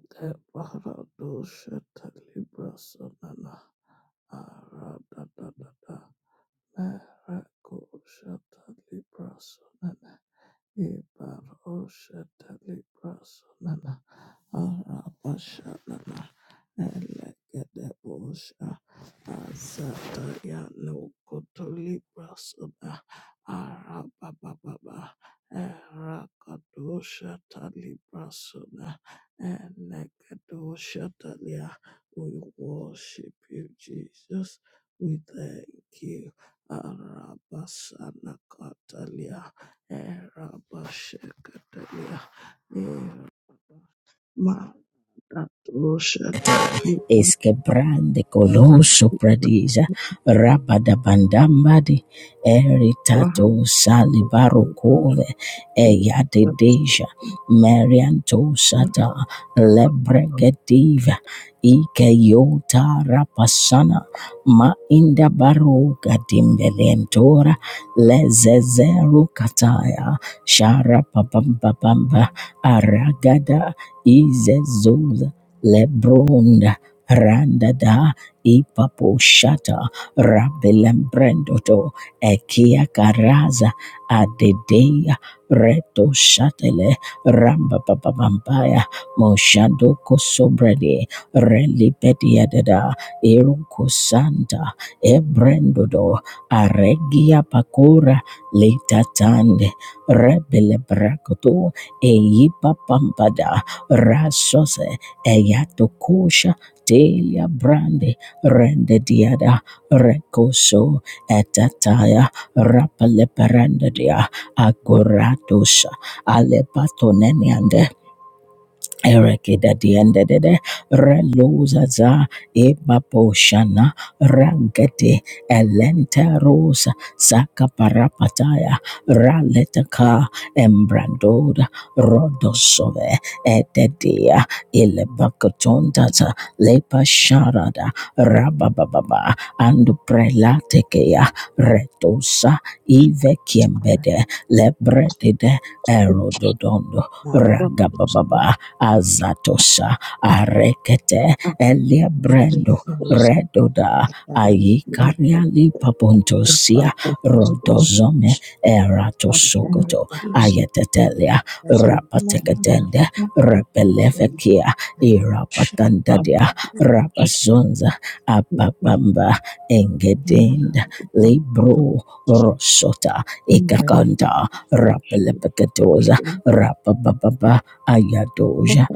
Libra Ibaroshatalibrasonana Arabashanana Elegedebosha Azatayanokotulibrasona Arabababa Erakadoshatalibrasona Elegedoshatalia. We worship you, Jesus. We thank you. Arabasana Erabashakataya, Eramatosha, es quebrande coloso pradisa rapada bandambadi eritato salibaro cove eyade deja marianto sata lebregativa ike yota rapasana ma inda baro gadimbelentora lezezeru kataya shara papambabamba aragada izezuza lebronda Randada Ipapo Shata Rabilembrendoto Ekia Karaza Adedea Reto Shatele Ramba Baba Bambaya Moshando Kosobrede Relipedia Dada Eroko Santa Ebrendodo Aregia Pakora Letatande Rebele Brakoto Eipa Pampada Rasose Eyato kosha Delia Brande Rende Diada Recoso Etataya Rapaleperandadia Agoradosa Alepatoneniande Erekida diendede reluzaza ebaposhana rangete elente rosa sakaparapataya raletaka embrandoda rodosove ededia ilebakatontata lepasharada rabababa and prelatekea retosa ivekiembede lebredide erododondo ragababa azatosha arekete elia brendo redoda aikaria lipapontosia rodozome eratosokoto ayetetelia rapa Lekadende Rebelevekia Irapatandadia Rabazunza Ababamba Engedend Libro Rosota Ikakanda Rapelepeketoza Rapababa Ayadoja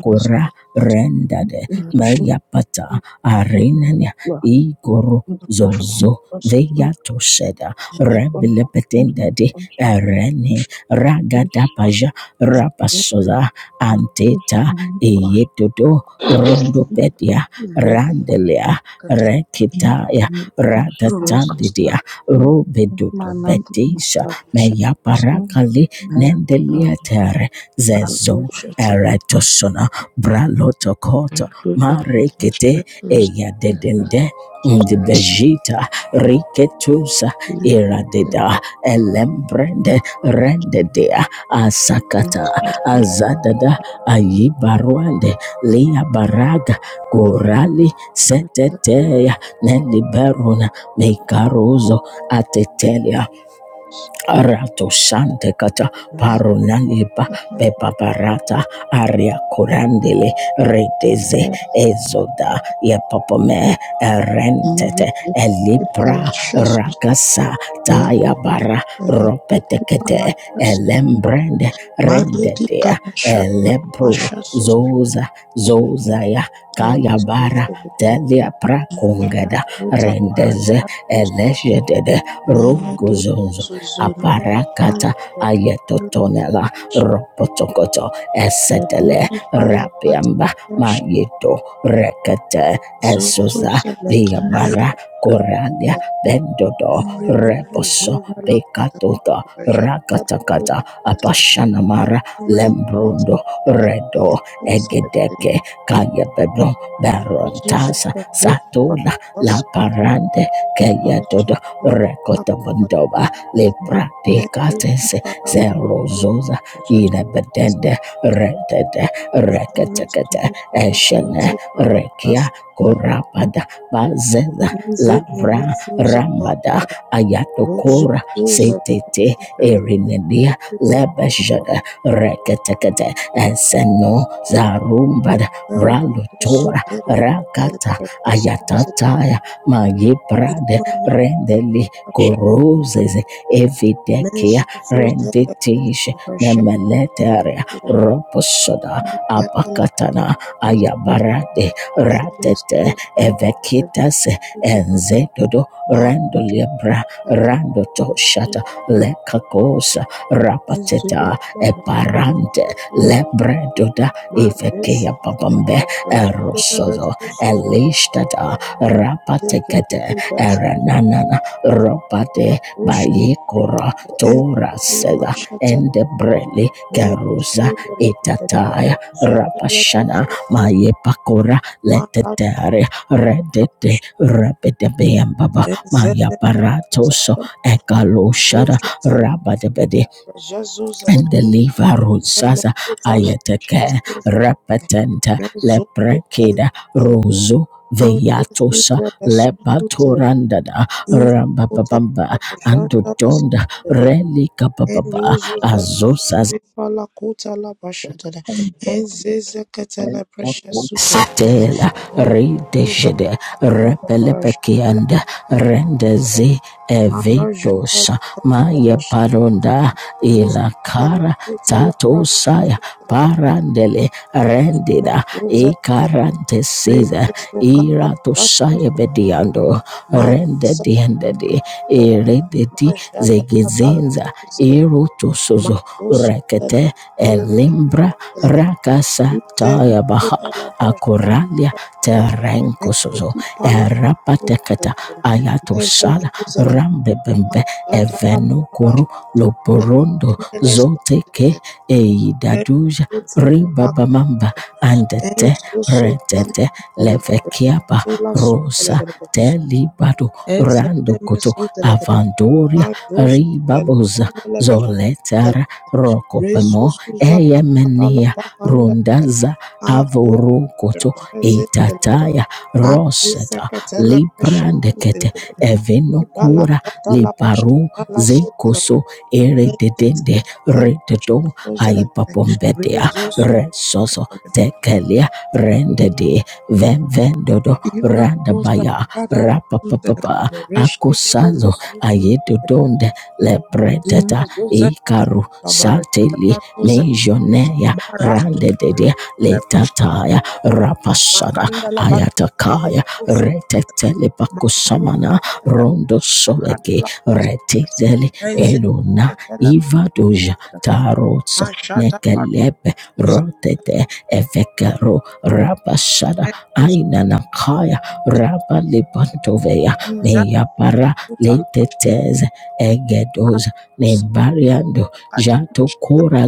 Kura rendade meyapata arenania igoro Thank zozo veyato sheda rebelepetendade erene ragadabaja rapasoza anteta eyedodo bedia randelia rekitaya radadidia Roses, robedotisha manat, meyaparakali Deliater zez you. Approaches eretosona bralotokota include rekete demonstrators eya and dedende eyadedende ndibejita riketusa sustain iradeda elembrende rendedea asakata demonstrated azadada ayibarwande liabaraga gorali attacks seteteya neliberuna mikaruzo atetelia Arato Sante Kata by Parunaniba and Pepaparata Aria Kurandile Reteze Ezoda Yepopome Erent Elipra Palashas Rakasa sustain Tayabara the Pet Kuti Palashas Elembrand Ren Madhudi Kanashana Lepro Pasha sustain Zoza Zozaya Kayabara the Telia Imana Ruta Prakundeze Parashas sustain Eleshedede Mena Du Rugozonzo Suzuni Parakata Palashas ayetotonela ropotokoto The esetele daily piamba palapatish yeto rekete zuzu esbia selekindele koralia bendodo ribili zuzu lakata katuta bajata rakatakata bakutata apashanamara retu lembrundo selekata redo yetu selekata edeke kayebedo matu baronta zuzu kakuta tula patasu parande kayetodo rekotabandoba lepra meku pekat kipara kutela Zerozoza bajata Inabedende selekata Redede Rekete Ere zuzu Eshene selekata palapas Rekia korapada Bazeza Bra mesuza Rambada Ayatokora te erinedia lebeshada reketekete eseno zarumbada balutora rakat ayatataya mayibrade rendeli korozeze evidek Re tish nemeletere Thank roposoda apatana ayabarade rate evekitas enzedodo rando libra rando toshata lekakosa rapa parante you. lebredoda Mas esse catalogo ifapabambe projeto eros da versão sugerida elishtata e o rapate executivo já solicitará Eranana Robade uma busca Bayekora em Toras uma chata and Brele mera sobre a letra Tataya do projeto da Rapashana versão Maye Pakora Marasha Letare Redete Kapashura. Repedebeam Baba Maya Exame Paratoso Suzana Ekalo Shada Rocha Telepra Rabadabede Jesus and the Liva Exame Rusaza Suzana Chastis Repetenta Mezu Leprekeda Telepra Rosu Anvo Veyatosa Suzana Lepatorandada Is Izikuta Rambabamba parashanda Andodonda bazere Relika Baba eruzu Zosas verefestipa la kuta la bashadada ezeze ketele precious suzere Satela eruza redeshede la parashanda la repelepekianda suzere rendeze eve arajata la kuta maya bashadus paronda la ilakara kuta la tato saya prashadus parandele rendida mesuze ketele karantesiz resesu kata irato bashadus saya bediando mazasa rendedi endedi irededi Majada zegizenza irutusuzo Matos reket Enzo elimbra rakasa taya baha akoralia terenko rapateta ayatos rambebembe evenukuru loporondo zoteke eidaduja ribabamamba and red lekiapa rosetelibado rando vandoria ribaboza letara rokopemo Rezuzu zapata eyemeni la bahanda da rundaza aku avorokoto rezele itataya ro azisa katela precious librande zele eveno ibala tata la paru pashata la suzele zekoso erededende rezele katela pashata rededo suzele apombede rezuzu resoso katela tekelia rendede venvendodo ima zuza pakada la rapapapa suzele reshete le sazo rezuzu ayedodonde lebrete ima zuza karu katela babarata teli la suzele mijonea marazu handedede letataya rapasada Makanda la bakanda la Kaya kusu retetele mazu bakusamana kele rondo bakanda soveke la kusu retetele ezi elona kele ivadoja kele kele tarotso mashata kelebe patuza rotete evekero rabashada mekuzu ainana kaya esu rabalibantoveya inza la meyapara kuta la pashele leteteze egedoza makus nembariando kadima shata jatokora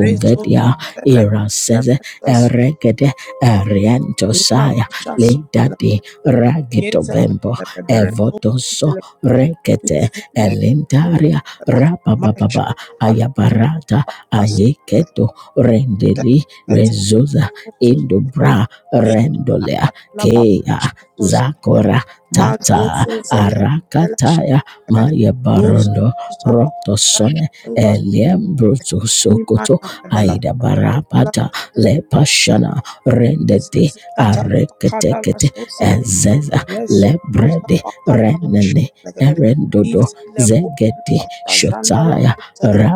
rezo kele ira kele esu Eregede Ariantos ima basha su Linda di ragito Yes, I can bembo tell the rest of the evoso letter. It rekete is the name of elindaria the letter. rababa Marsha, Tapala, ayabarata Patas, the ayeketo rendeli letter rezuza of Susan. indubra In rendolea Akatala, kea Babashatos, zakora Mazo, Susan, Telash, kataya maya Rose barondo Zapa, Rasha, rotosone Tulas, eliembrutusuk Iman, aida barabata Akadala, lepashana rendeti Jesus katala pakada la so selekere. Ezeza Reso uza lebrede pakada la so renene selekere. erendodo Izele kula zegedi paparajanda la so selekere.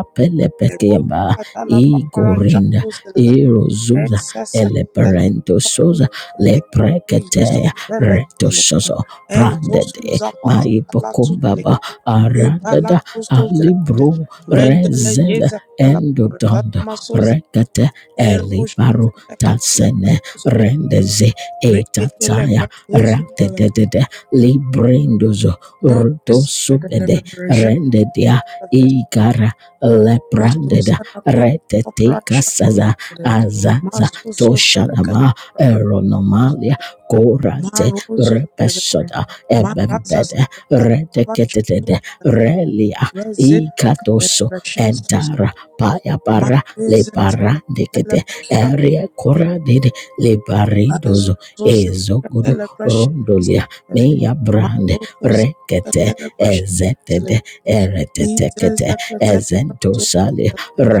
Erozu katala paparaja igorinda so selekere. irozuza Esese katala eleperento so soza selekere. lepreketo Reyeso selekere. sozo Enzo suza pakada la so maipokumbaba selekere. ara Ibala so so selekere. libro Rendele yeza katala paparajanda reendodon ma so selekere. kata Eroshu elibaru selekere la so tasene selekere. rendeze e Reketele prafusu balada. dedede librendozo Marisa kadele subede berejeta Endedia sukadere. igara leprandeda Mazusa na kota reteteka operasha saza sukadere. aza Mazuso tele toshanama katele eronomalia berejeta. kora Marozu telegere. pesoda eb Maraza sakadana retetede basha sukadere. relia Rezete ikatosara kadele beshezu. paya para Marisa para deket telegere basha sukadere. area kora dede lebarido Azuzo zele ezogodo katele beshezu. kondolia meya brand Mazuso zele kete katele beshezu. zetede erete Jesus, the Kazakh so ezentosalia that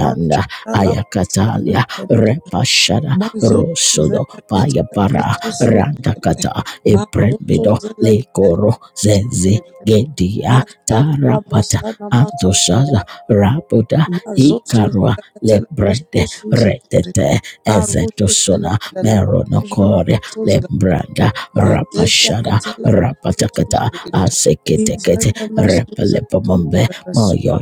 March Allah Katalia Repashada Mazu the Rosodo Kazakh Payapara so that Randakata Mazu so Ebrembido the like the Lekoro Zeze Gedia March Tarap Allah Basana Antosaza Mazu Rabuda Mazu so Ikarwa the Kazakh Lebrendete so that Arushu the like the Lama Jana Eronokori Mazu the Branda Mazes the Kazakh so Rapatakata that Asekete Izana Mazu Pelepomombe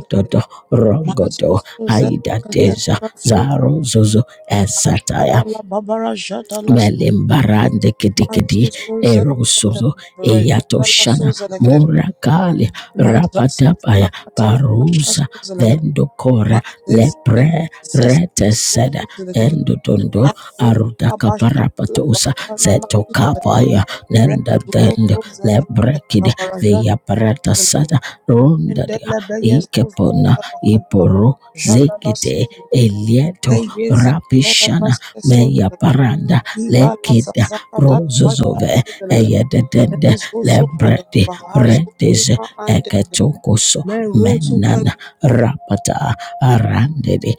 the Rongodo Mazuzu zekatela Adeza bazuzu Zaro Zozo Esataya ashadala babara jadala suzu Elembarande Kedigedi mazuzu zekatela Rosodo babara jadala Eyatoshana suzu lekere Morakali maza satala Radabaya katala pasha Barus suzu lekere Dokora mazeze Pre ketele ses Rete ses Seda suzu lekere Endotondo azul mabasha Dakaparapato la basa na Seto masuzu lekere Kapaya Nenda rezu Den suzu lekere Lebrekid babara jadala Parata lekere Sada Ronda endele Beyes, suzu Epona lekere Iporo jadala Zekete suzu lekere Elieto Aigeza Apish tela pasca Meya sota Paranda ibala zazaka dala basha Rosozove sota laka Eyedende enzo soka dala de bahazo Redes nima ande laka Chokoso mero soka Rapata Arandede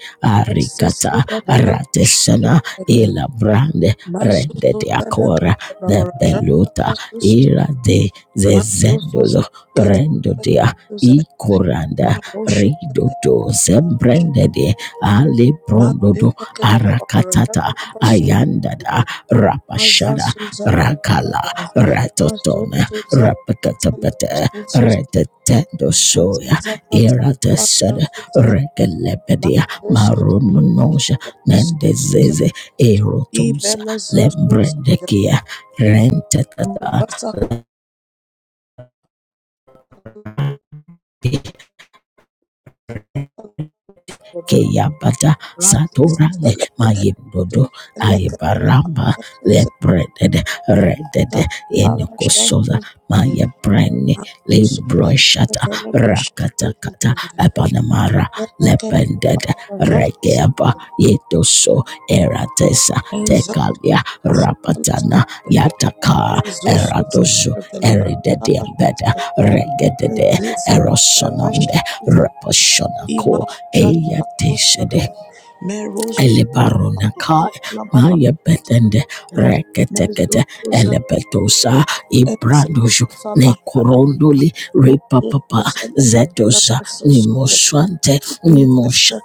essa Arikata soka dala basha Tesana sota laka Ela Brande mazo Dede sota laka dala baraja dala Beluta basu sota Ira de laka mazo sota laka dala Zezrendo basu dea sota I laka Koranda maro sota laka Dodo Zembrendede dala Ale mazo Brondodo sota dala baraja Arata dala basu Ayandada Rapasha Maza suza da Rakala mazo Ratoton suza Rap katala Ratabata pasta suza Retatando maza Soya za katala pasta Iratasad suza la Regalepedia mazo Susan. Marununosha katala pasta Susan. Nendezeze Eroto i bella zo suza da Brendekia Rentatata maza sa Keyabata razis Satura da Dodo Susan. katala suza Susan. katala Aibaramba pasta suza Lebreded Reded da in para Sosa suza Maya Brenni Mezoso Limbroshata Rakata Ta- Epanamara Lepended Regeaba Yedoso Eratesa Ya Rapatana Yataka Dozo Eridediambeda Regedede Erosononde Reposhona Eyatesede Elebarona Kai Maya Betende Reket Epetosa Ibrandojo Nekorondoli Ripa Zedosa Nimoswante Thank Nimosha,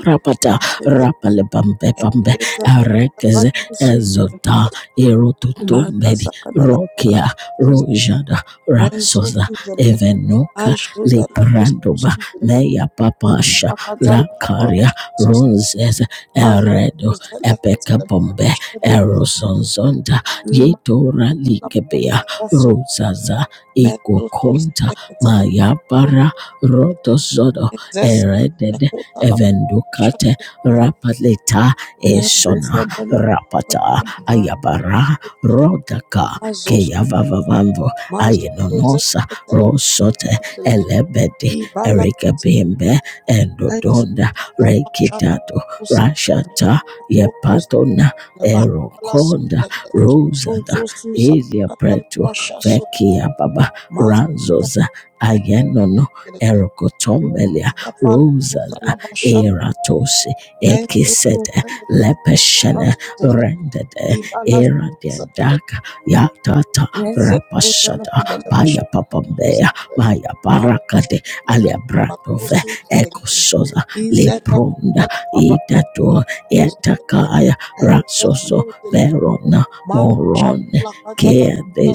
Rapata, rapale bambe bambe arekeze ezota erotut rokia rojada ra eveno kandoba meya papasha ronzes eredo kabombe erosonzonda yetora likebea rozaza ekokonta mayabara rotozodo eredede evendukate rapaleta es pata you. ayabara like rodaka mazos yavavavambo mazos nono zekela rosote like elebedi ibala ikebimbe aizo endodonda zapashara rekitato usela rashata rotos yepatona la bahala susela erokonda rosa rozo suza ilia katala preto pasha susela vekia baba maz ranzoza ayenono like maz erokotombelia kapala rosa usela pasha eratosi aizo ekisete susela like pasha lepeshene susela rendede ibala Tiendaka ya Yatata Is Pashada Paya Papambea Maya Parakade Alia Brandove Eko Soza Nda Idato Yatakaya Raverona Moron ke Kede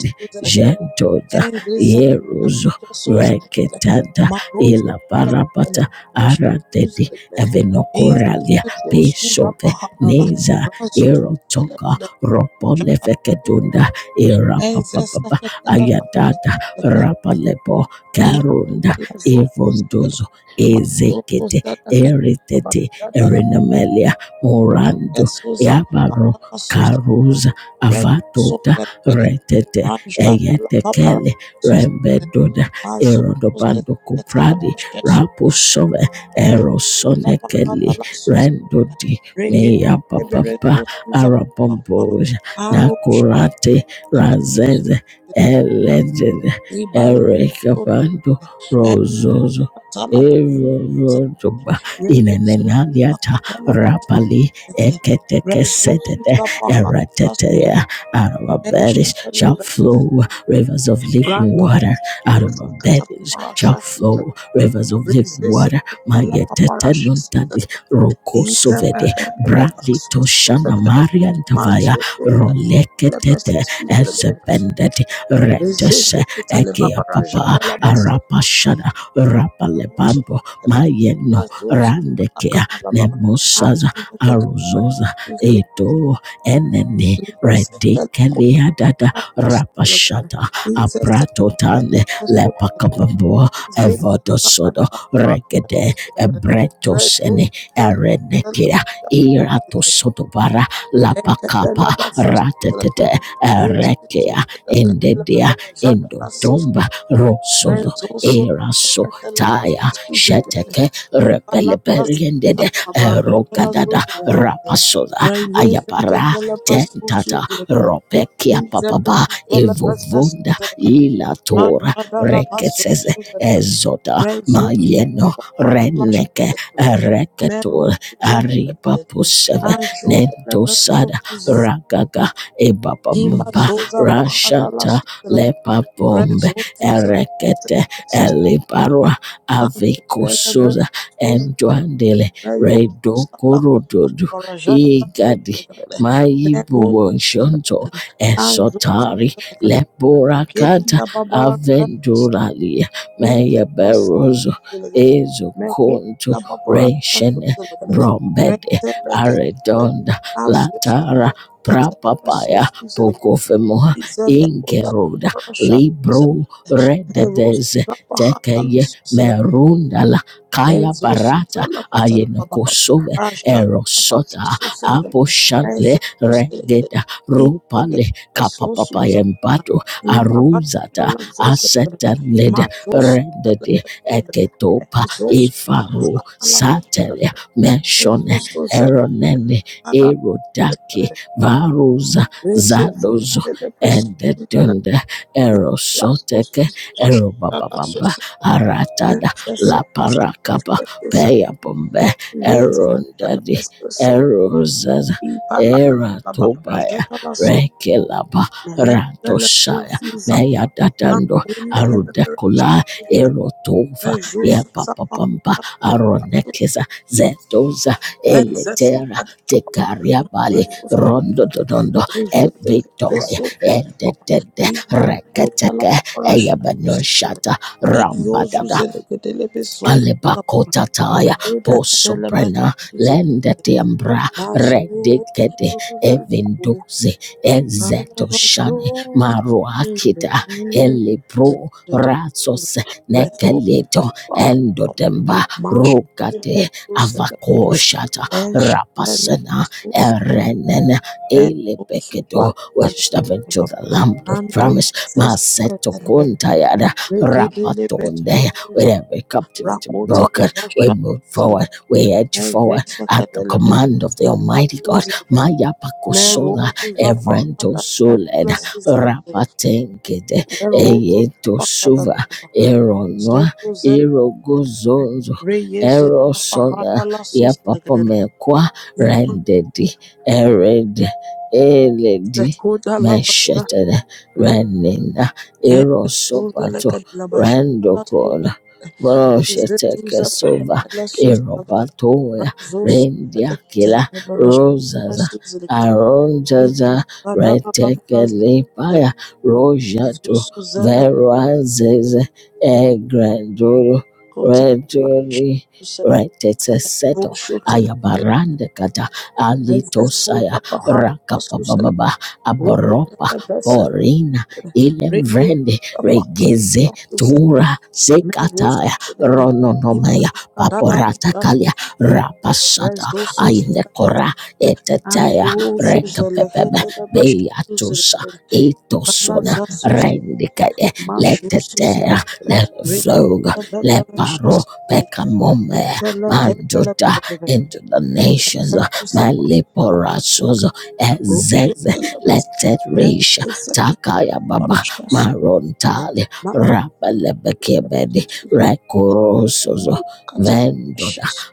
Gentoda Yeruzo Ketanda Parapat Arated Evenokoralia Pineza Erotok Ropo lefekedunda Ayadada Rapalepo Imanda Karunda balazoto zegre. Evondozo Ezek Mazoto zada katala Eritet balada la Erinamelia Morando eso zapata Baro la suze. Karuza Avato Rezo zegre. Retete Ey Ranjata la babara suze. Rembedoda Mazoto Erodobando zeketela Kupradi pasheso. zegre, Rapusove Erezo zapata Erosonekeli la suze. Rendodi Rege Meya eberezo Papa suza baba. Arabombo Aro Kurate shebe. Razed suze, Eleded Ibala Erekapando suze. Rozozo Ekatala Erodoba Reyesus Nenadiata Akatalabasere, Rapali Rezusus Eketeketeteya Apahatus, out of our bellies Enchetelebes, flow rivers of living Brandon, water out of our bellies shall Akataparashas, flow rivers of living Rezes, Mayetetetadi Telepaparashas, Brali Idemehelebaxus, Toshana Maria Davaya Masus, Roleketete Lebesas, Ezebendeti Re Rezes, Kitilabaraja, Telebas, Rapashada Rusus, Rapalebambo Mayeno Azus, Randekea Akatalababa, Mosaza Atum, Aruzoza Kedebes, Edo Enene Rezo Dekeleadada Rapashada Apratotane Lepakabambo Evodoso Regede Ebretos Erenekea Irato Sodobara La ratatata erekea endedea endodomba rosozo eraso taya shete rebeleberiendede ero rapasoda Raise the para Catella tata Pastor Rezo ropekia papaba evanda ilato Seze ezota mayeno reneke ereke ariba puseve ne sada ragaga ebaba mbasha lepa Bom erekete eliparwa avikosoza endwandele dokorododo igadi maibubonshonto esotari leboraka Kedila babara sasus venduralia izene meyeberozo sokuzelegede. ezokonto Mekodila babara sasus shene zelegede. brombed Rentelegede. aredonda Azusu latara ketele prapapaya pesusu zelegede. kofemoha Izele kodala geroda babara sasus libro zelegede. red. Merosu kapahatala tekeye merundala kaya Enzosu barata zalakatana ayen baba sove Ashad afasa erosota suselegele. aposhale Enzosu re selegele. ru Ishade asosu zalakatana. kapayembatu Imabashada aruzata la suselegele. tanled Mazosu rendede zalakatana. eketopa Enzosu faru zalakatana la satele suselegele. meshon Enzosu Ronene zalakatana la Erodaki suselegele. Varuza Rezefi Dozo kitele presu suselegele. Dedunda La Erosot susu Eroba zalakatana la suselegele. Enzosu Aratada la zalakatana parakapa la suselegele. peya bombe Yete eronda tele peste so erosas ipa la erat la babraje la so rekelaba mele ratosha pele so si meya zapa la datando kunda le pepe kula le erotova pepe so so papamba zapa aronekeza zetoza Enzes eletera at papa tekaria bale refuste rondo dondo rejete le so si papa endetede iman kota la papa la eya so si banoshata en ram yozu zele kedele pe so si papa Bakota ma taya deda so kedele pe so lende si tiambra mazu re ede evinduze Rakota eze shani maruak elibro ratsos nekeleto endotemba rukat koshata rapasana erenene el with to the lamb of promise set to Kuntayada there with every captive we move forward we edge forward at the command of the almighty Maya Pakosunto Suled Erozo Yetos zapakada la baba. Eronwa Zozo zelegede. Erogozonzo Reyezo Eroson zapahada la soselegede. Yapapomekwa Yuma Rendedi Ered Eledi zekoda la basa Shetada legede. Ranina Ezezo Erosop zelegede la bashada la sose. Randokon Borosh Rezezo Sova zapahada la soselegede. Eropatoya Razo soselegede Rendiakila la barashada la Rosaza soselegede. Aronjaza Ima la baba raza Kelepaya soselegede. Roja Zozo zelegede. Verazes egrandoro Kota barashada redori soselegede. retete seto Rosho kabarande kata ali Ezesura Pahara Susel, kababa ababa Rokutele Vese, borina ile Reye Pahara regeze Susel, tura sekaya Meros, rononomaya Imanakadala Pasha, patakalia rapasata Rezosus, ile kora etetaya Azusus, Lehele Basha beyat Susel, ito Ibala Zasus, rendika Mashu etera Susel, Rege nervloga Basha paro Susel, pekamome Itala Kendala uh, Bebe, into the nations. uh, Ezesusa Pahara, Maliporasos ezet Rokutele letet rish Vese, takaya baba Shasuke, marontali Maru Seke, rapalebekebedi Shasuke, rekorosos Maru Kata, vendo Shasuke,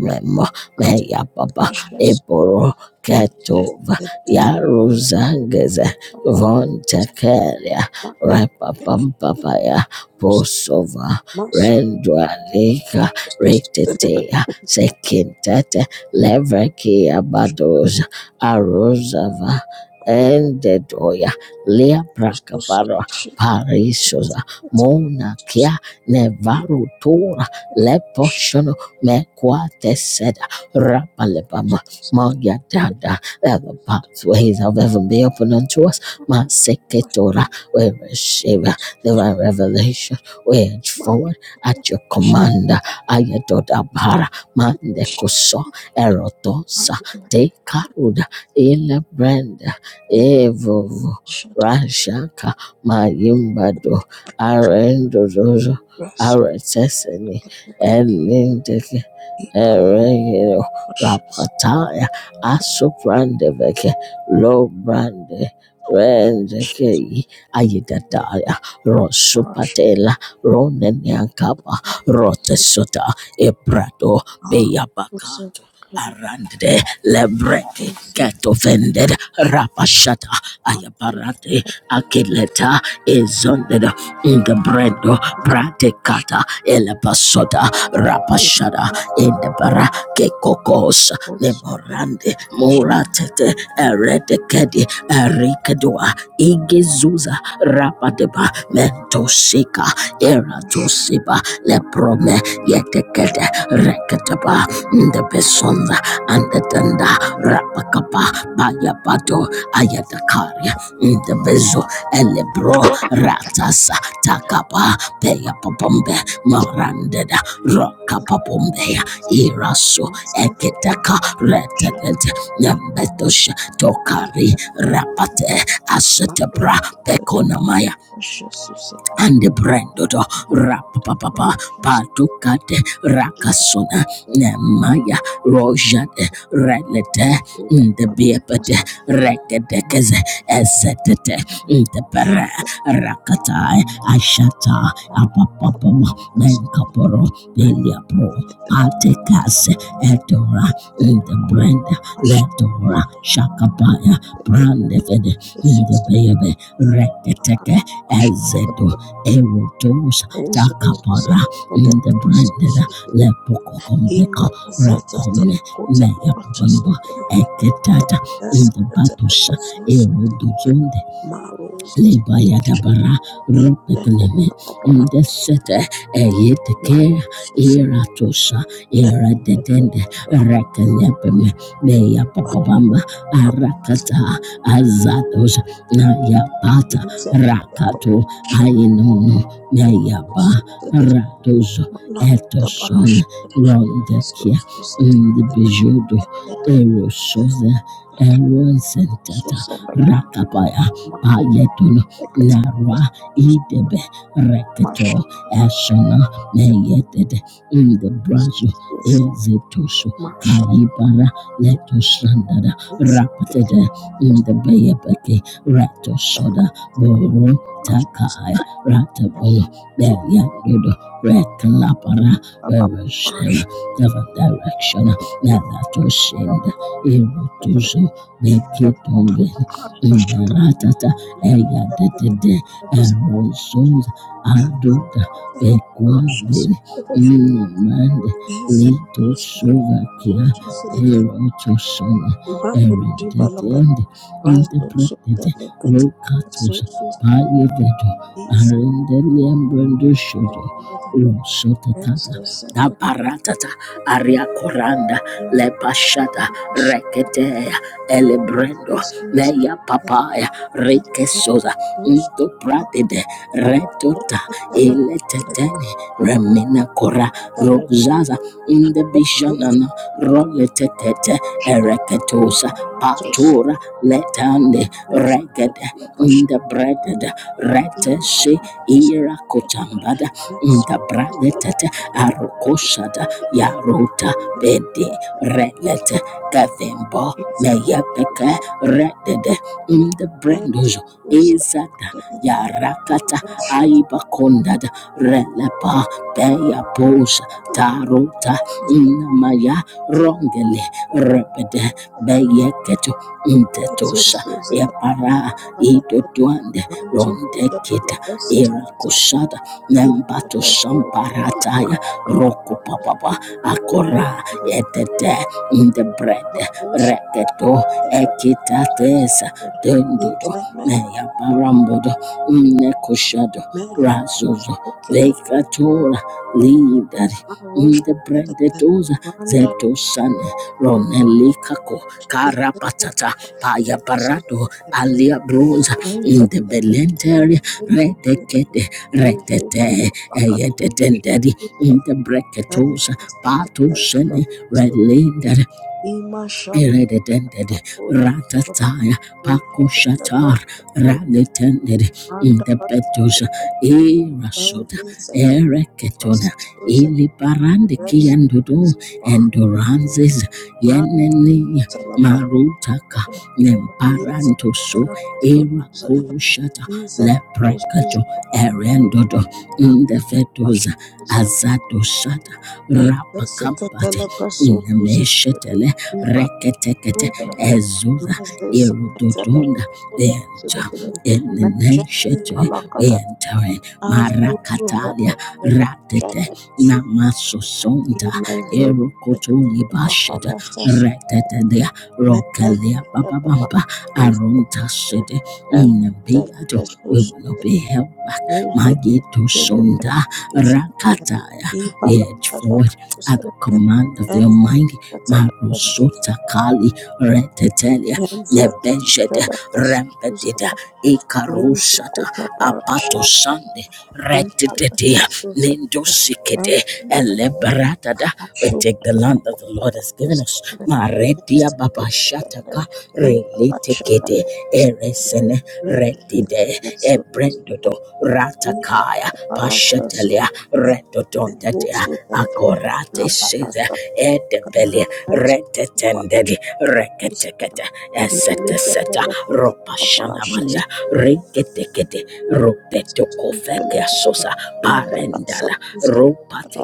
Red Kata, meya baba Shasuke, eboro ketova Shasuke, yaruzangeze Papa, vontekelia Mate, repapampapaya Susuke, posova Masu, rendwalika re Shasuke, sekintete levreki abadoza arozava endedoya Susuke, leabrakabara Shida, Kata, Mona Susuke, Kia nevarutura Shasuke, leposhono mekwateseda rapalebama magyadada that the pathways of heaven be open unto us Maku, maseketora we receive Shasuke, divine revelation we edge Mama, forward Kata, at your Shasuke, command. Ayatot Shasuke, Mandekoso eroto Shasuke, sate karuda ile brenda evovo Shasuke, rashaka mayimbado arendozozo areteseni elindeke Shasuke, Ereo Shasuke, Rapataya Thank Asuprandeveke Lobrande Rendeke Ayidataya Rosupatela Roneniankapa Rotesota Ebrato Beyabaka Rande Lebreke Cat offended Rapashata Aya Barate Akileta Izondeda Ingabredo pratekata Elabasota Rapashada Indabara Kekokos Leborande Moratete Eredekedi Erikedoa Igezuza Rapadeba Mentoshika Eratosiba Leprome Yetekede Reketeba Ndebesonda Andetenda Rapakapa Bayabato Ayatakaria Ndebezo Elebro Ratasa Takaba Peya popombe morandeda roka popombeya iraso eketaka retetete nyambetosha tokari rapate asetebra pekonamaya and brendodo papa patukate rakasuna nemaya rojade relete ndebiepete rekedekeze esetete ndepere you. rakatai Maroso ashata apapapama menkaporo peliapro patekase etora ndebrenda letora shakapaya brandefede ndebebe reketeke ezedo erotos para the branded lepokokombe rekome meyapomba eketata in the batusha eruduzunde Libaya dabara rupekleme indesete eyeteke iratosa iradedende rekelebeme beya papabamba arakata azados nayapata Isaac rakato Kaposha ainono meya ba Jesus said that radozo Manak the toson Barash rondekia Jesus said that indibijodo Heket and erosoza erosentat Susan can Rakapaya Maro Payetun like it Narwa Jesus Idebe Reket Masha Ashana that Meyeted in the is Brazo Jesus said Ezetushu Masha Kaibara to Letoshandada this is the Rapatede in the Bayabeke Shaka Ratoshoda Boro Kai Ratabula Beyandudu Rekalapara Susana Barash Wereshiva Deva Direction never to Nalatushinda Irutuzu Isaac Bekitumbin Tabakar Neratata Eyadetede Shaka Erosuz Thank Aduda Bekwandin Mandi Lito Suvakia Erotusuna Dendi Rekatos Payedeto Arendelian Brandushoto Rosotekata Da Paratata Aria Coranda Lepashata Reketea Elebrendo Meya Papaya Rekesosa Into Pratide Retota Eletetene Remina Cora Rosaza in the Bishanana Roletetete Ereketosa Patura Letande reged you. in the breaded In in reteshe ira the kotambada in as the is the bragetete arokoshada yarota bede relete gavembo meyepeke redede in the brendozo ezada yarakata aibakondada releba beyabosa tarota in maya rongele rebede beyeketo intetosha Yapara idodwande rondeke irakushada nembato shamparataya roko papa akora etete indebrede reketo Thank you. Recorded ekitatesa the dendo breakfast, and the breakfast, meyaparambodo nekushado razozo vekatora lidari indebrede toza zetosane ronelikako kara Tata Paya Parato Alia Bruza in the Belentary Redekete Redete Eyedendedi in the Breketosa Pato Sene Redlinder Eredendedi Ratataya Paco shatar Radetended in the Betusa every second Ereketona process iliparande Thank kiandudu enduranzes yenene marutaka nemparantoso erakoshata leprekato erendodo indefetoza azatoshata rapa inemeshetele reketekete ezuza erudodo eneneshet enteren. Rap, rat, namaso, sonda. Kotuli bashet you. retetedea Mendel rokalea Shadaba bababamba aronta sede and the inabeato Petrus will be held back. resisted Mageto sonda rakataya Ibala at the Shadaba command of the and Almighty. Katana Petrus Rosota kali retetelia and the nebejede Shadaba rempedida Petrus ikaru Rose Kutapara pato sande retetea Ibala Sasus nendo sikede and elebrata da the the land that the Be Lord has given us. Maredia babashata related eresene redide ebrendodo ratakaya shetelia redodonde korate edebelia tetendedi reketekete ese ropashanamalia reketekete rupetokofeke sosa pa ropate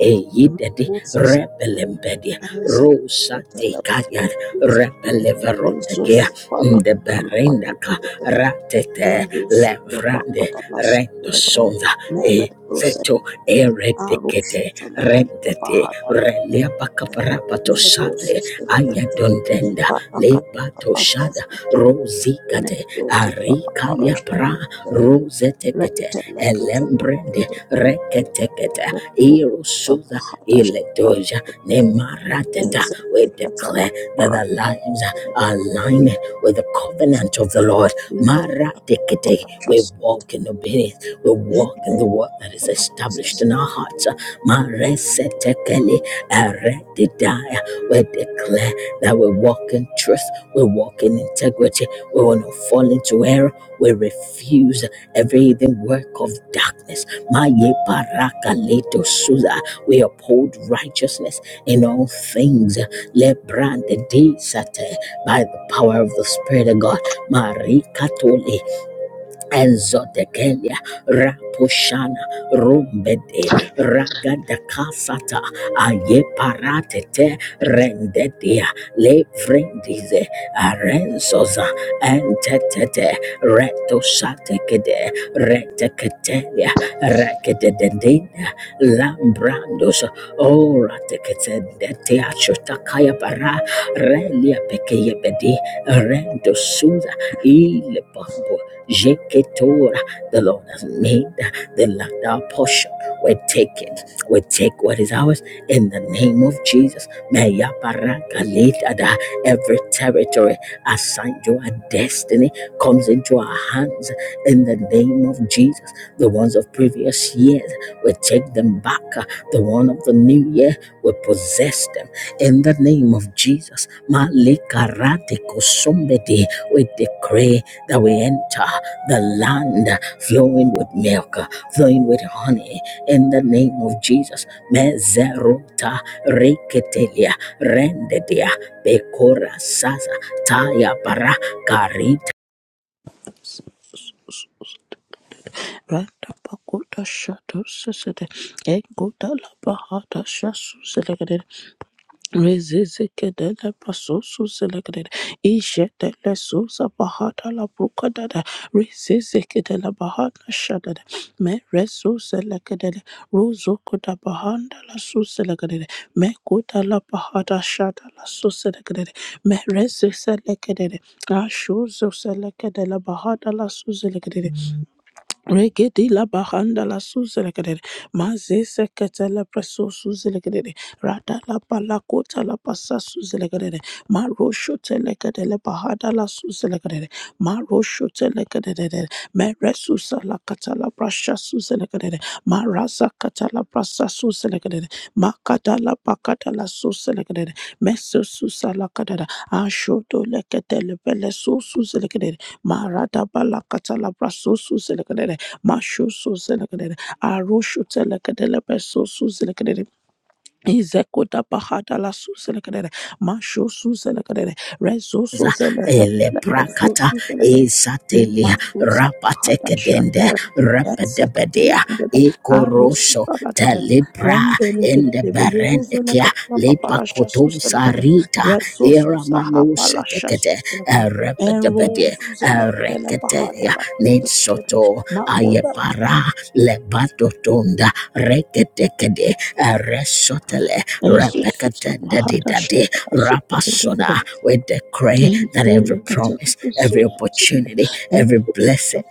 Eyid rebelembedia Isaac, rosa the Telepathy, tear rebeleverondegia Jesus, Pala, Palapa, berendaka and ratete Jesus, lev the Bahadalas, rendo the sova Meratos, eredete Arus, the Legat, the rende Bahadas, relia bakaparapatos Merosus, the Legat, ayadondenda Ipaka, lebatosha Pasas, rozikate Metoti, the kalia Parash, pra the Rosete Retelekit, Elembrende the reketeketa Reto, the irosuza Bahadash, iletoja Randa nemarateda with that their lives are aligned with the covenant of the Lord. Maratekete. We walk in obedience. We walk in the word that is established in our hearts. Maresetekeli eredidaya. We declare that we walk in truth, we walk in integrity, we will not fall into error, we refuse every hidden work of darkness. Maye parakaleto suza. We uphold righteousness in all things. Lebrandedisate By the power of the Spirit of God. Marie Ezodekelia Rapushana Rumbede Ragadakasata Ayeparatete Rendedia Lefrendize Arenzoza Entetete Retoshatekede Reteketelia Rekededendina Lambrandos Orateketendetiachotakaya Bara Relia Pekeyebedi Rendosuza Ile Bombo Jeketora. The Lord has made the land our portion. We take it. We take what is ours in the name of Jesus. Meya baraka letada. Every territory assigned to our destiny comes into our hands in the name of Jesus. The ones of previous years, we take them back. The one of the new year, we possess them in the name of Jesus. Malika radiko somebody, we decree that we enter the land flowing with milk, flowing with honey. In the name of Jesus. Mezeruta reketelia rendedia bekora sasa taya para karita Pakuta Shadow Sisede Engota Labahata Shasu Selected, Rezezekedele pasoso selekedele. Ishetele sosa bahata la brukadada. Rezezekedele bahana shadada. Me reso selekedele. Rozo kuda bahanda la so selekedele. Me kuda la bahata shada la so selekedele. Me rezo selekedele. Asho zo selekedele bahata la so selekedele. Regedi la bahanda la suzelekedede. Maze sekete la preso suzelekedede. Rada la balakota la pasa suzelekedede. Marosho telekede le bahada la suzelekedede. Marosho telekedede. Meresusa la kata la brasha suzelekedede. Marasa kata la brasa suzelekedede. Makada la bakada la suzelekedede. Meso susa la kadada. Ashodo lekete le bele suzelekedede. Marada balakata la braso suzelekedede. Mashusu Zelekadere, Arushu Telekadele Besusu Zelekadere, Izekuta Bahata Lasu Zelekadere, Mashusu Zelekadere, Resusu Zelekadere, Besusu Zelekadere. esatelia Imasusa Bahata redende, Shadadere, repedia Ezekatelekadere, korso Arusu Saladadere, libra Rendelegedebe, Yuruzelekadere, Paparasha letos Suselekadere, rita Resusu eraman Sahapalasha Suselekadere, Enrosu Zelekadele Bahata Lasu Nitsoto Zelekadere, ayepara lebatotonda reketekede resotele Jesus, my rap with the cray fortune blessed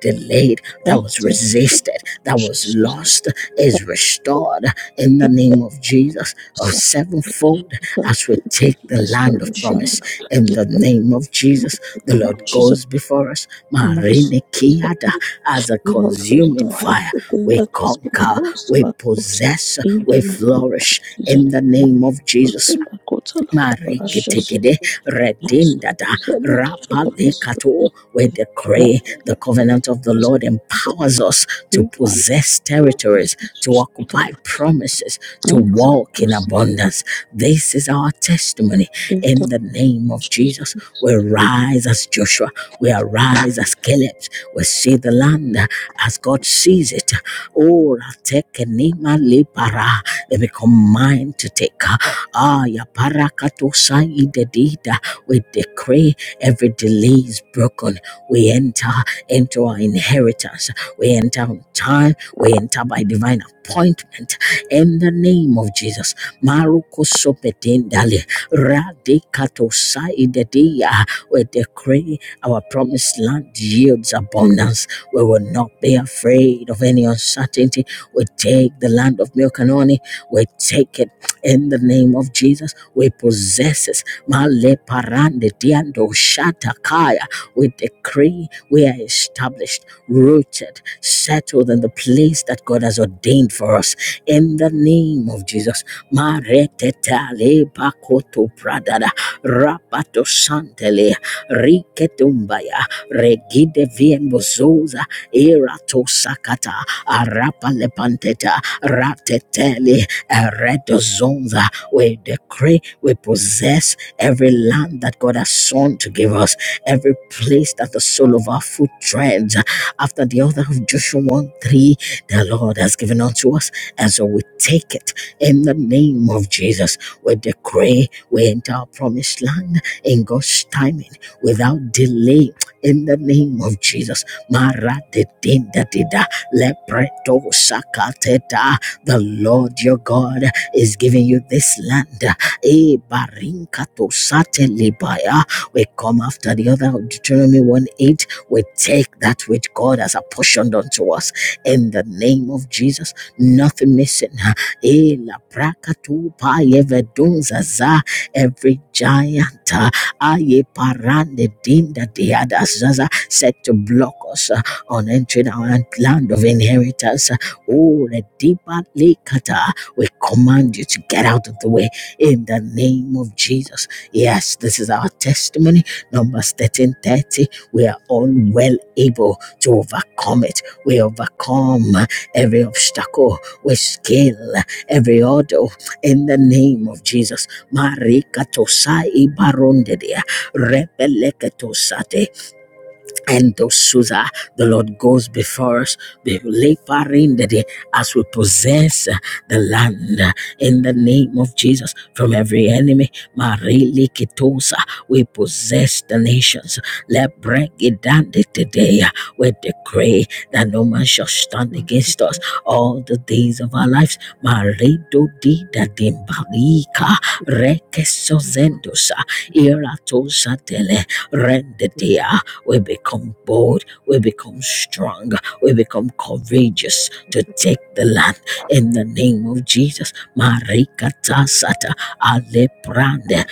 delayed that existed that was lost is restored in the name of Jesus of sevenfold land in the name of Jesus goes before us Marine soul, Kiada as a the Lord human restore everything that is been figure lost we by us possess in the name of flourish Jesus. in the My name of Jesus. soul, Mari- my God, redindada We decree the covenant of the Lord empowers us to possess territories, to occupy promises, to walk in abundance. This is our testimony in the name of Jesus. We rise as Joshua. We arise as Caleb. We see the land as God sees it. Oh, Ratekenima Libara. They become mine to take. Ah, Yaparakatosa Idedida. We decree every delay is broken. We enter into our inheritance. We enter on time. We enter by divine appointment. In the name of Jesus. Maruko sopetendale Radikatosa idedia. We decree our promised land yields abundance. We will not be afraid of any uncertainty. We take the land of milk and honey. We take it in the name of Jesus. We possess it. Male parande diando shatakaya. We decree we are established, rooted, settled in the place that God has ordained for us in the name of Jesus. Maretetale bakoto pradada rapato santele riketumbaya regide vienbozoza erato sakata arapa lepanteta ratetele ereto zonza. We decree we possess every land that God has sown to give us, every place that the sole of our foot treads. After the author of Joshua 1 3, the Lord has given unto us and so we take it in the name of Jesus. We decree we enter our promised land in God's timing without delay. In the name of Jesus, Mara de din da di the Lord your God is giving you this land. Eh, to sate We come after the other Deuteronomy 1 8. We take that which God has apportioned unto us in the name of Jesus nothing missing. huh? Eh, la praka tu pa yevedunza za every giant. uh, aye parande dinda diada zaza set to block us uh, on entering our land of inheritance. Uh, Oh, the deeper lekata. We command you to get out of the way in the name of Jesus. Yes, this is our testimony. Numbers 13 30. We are all well able to overcome it. We overcome every obstacle with skill, every order in the name of Jesus. Marikatosai barondedia, rebeleketosate, and those Susa, the Lord goes before us, the laboring the day as we possess uh, the land uh, in the name of Jesus from every enemy. Marili Kitosa, we possess the nations. Let break it down today. We decree that no man shall stand against us all the days of our lives. Marido di da dimbalika rekesozendo sa iratosa tele rendedea we become bold. We become strong. We become courageous to take the land in the name of Jesus. Marikata sata aleprande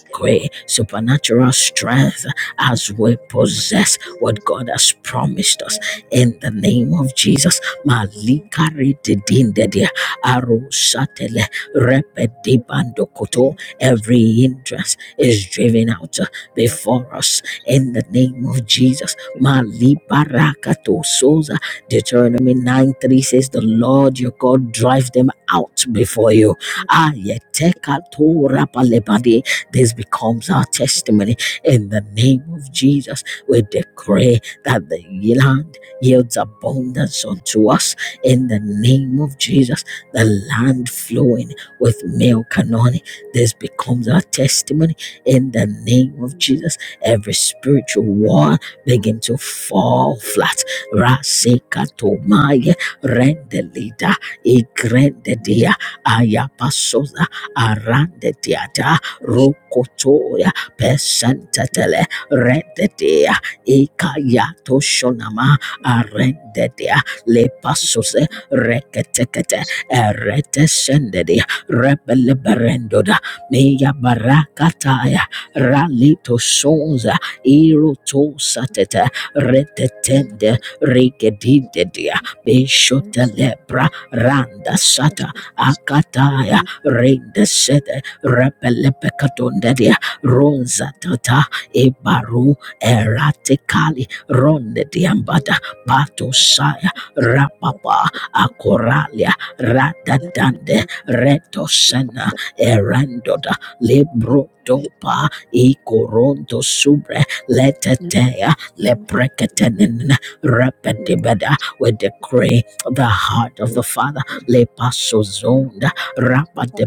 decree supernatural strength as we possess what God has promised us in the name of Jesus. Malikari didindedia, arusatele, repedibandokoto. Every hindrance is driven out uh, before us in the name of Jesus. Malibarakato soza. Deuteronomy 9 3 says, The Lord your God drive them out before you. Ayetekato rapalebadi. This becomes our testimony. In the name of Jesus, we decree that the land yields abundance unto us. In the name of Jesus, the land flowing with milk and honey. This becomes our testimony. In the name of Jesus, every spiritual war begin to fall flat. Rasekatomaya rendelida igrendedia ayapasoza arandedia da Rokotoya Pesantatele Rendetia Ikayato Shonama Arendetia Lepasuse Reketekete Eretesendedi Rebeleberendoda Meya Barakataya Ralito Sonza Iroto Satete Retetende Rigedidia Bishota Lepra Randa Sata Thank you. Akataya Renda repelepekadondedia rosa tata ebaru eratikali ronde diambada bato saya. rapapa akoralia radadande retosena erandoda libro Dopa ikoronto subre letetea lepreketenen repetibeda. We decree the heart of the Father Le lepasozonda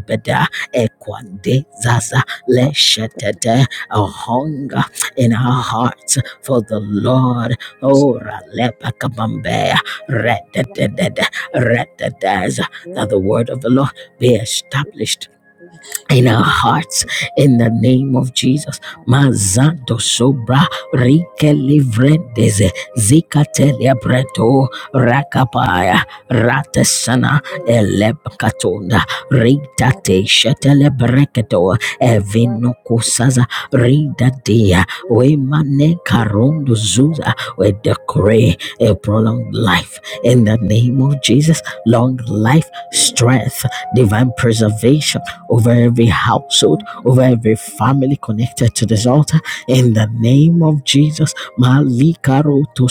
Shebeda Ekwande Zaza Leshetete a hunger Thank in our hearts for the Lord. Oh Ralepakabambea Rededed Rededez that the word of the Lord be established in our hearts in the name of Jesus. Mazando sobra rike livrendeze zikatelia breto rakapaya ratesana elebkatunda ritate shetele breketo evino ridadia we mane karondo zuza we decree you. a prolonged life in the name of Jesus long life Thank you. strength divine preservation over every household, over every family connected to this altar. In the name of Jesus, Malikaro to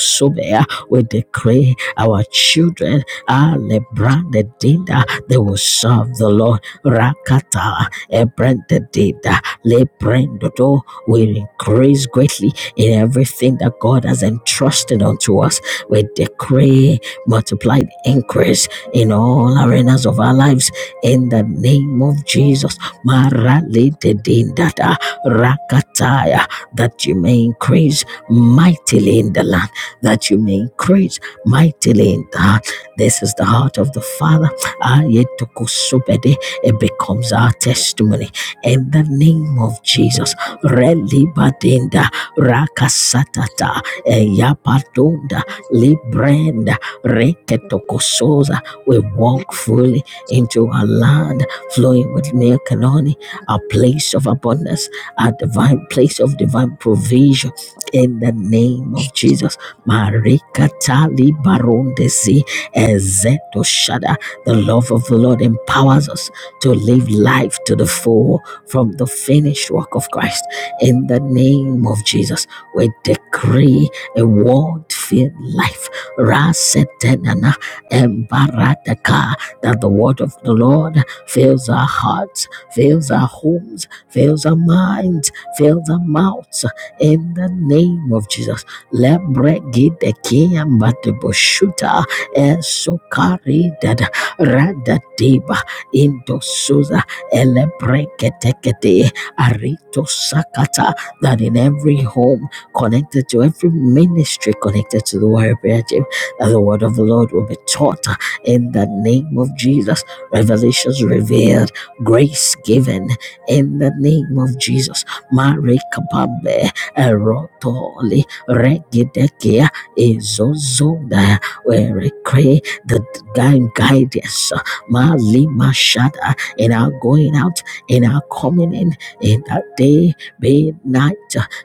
we decree our children, Alebra the Dinda, they will serve the Lord. Rakata, Ebran the Dinda, Lebrendodo, we increase greatly in everything that God has entrusted unto us. We decree multiplied increase in all arenas of our lives in the name of Jesus. Maralitidindada Rakataya, that you may increase mightily in the land, that you may increase mightily in the heart. This is the heart of the Father. Ayetukusubede. It becomes our testimony in the name of Jesus. Relibadinda Rakasatata Eyabadunda Librenda Reketokosoza. We walk fully into a land, flowing with milk and honey, a place of abundance, a divine place of divine provision. In the name of Jesus, Marika Tali Barondesi Ezeto Shada, the love of the Lord empowers us to live life to the full from the finished work of Christ. In the name of Jesus, we decree a word filled life. Rasetenana Embarataka that the word of the Lord fills our hearts, fills our homes, fills our minds, fills our mouths. In the name of Jesus. Lebregidekeyambateboshuta esokaridada radadeba indosuza elebreketekete aritosakata. That in every home connected to every ministry connected to the warrior prayer team, that the word of the Lord will be taught in the name of Jesus. Revelations revealed, grace given in the name of Jesus. Mare kabambe erotoli regidekia izozonda we pray the divine guidance. Mali mashada in our going out, in our coming in, in that day, be night,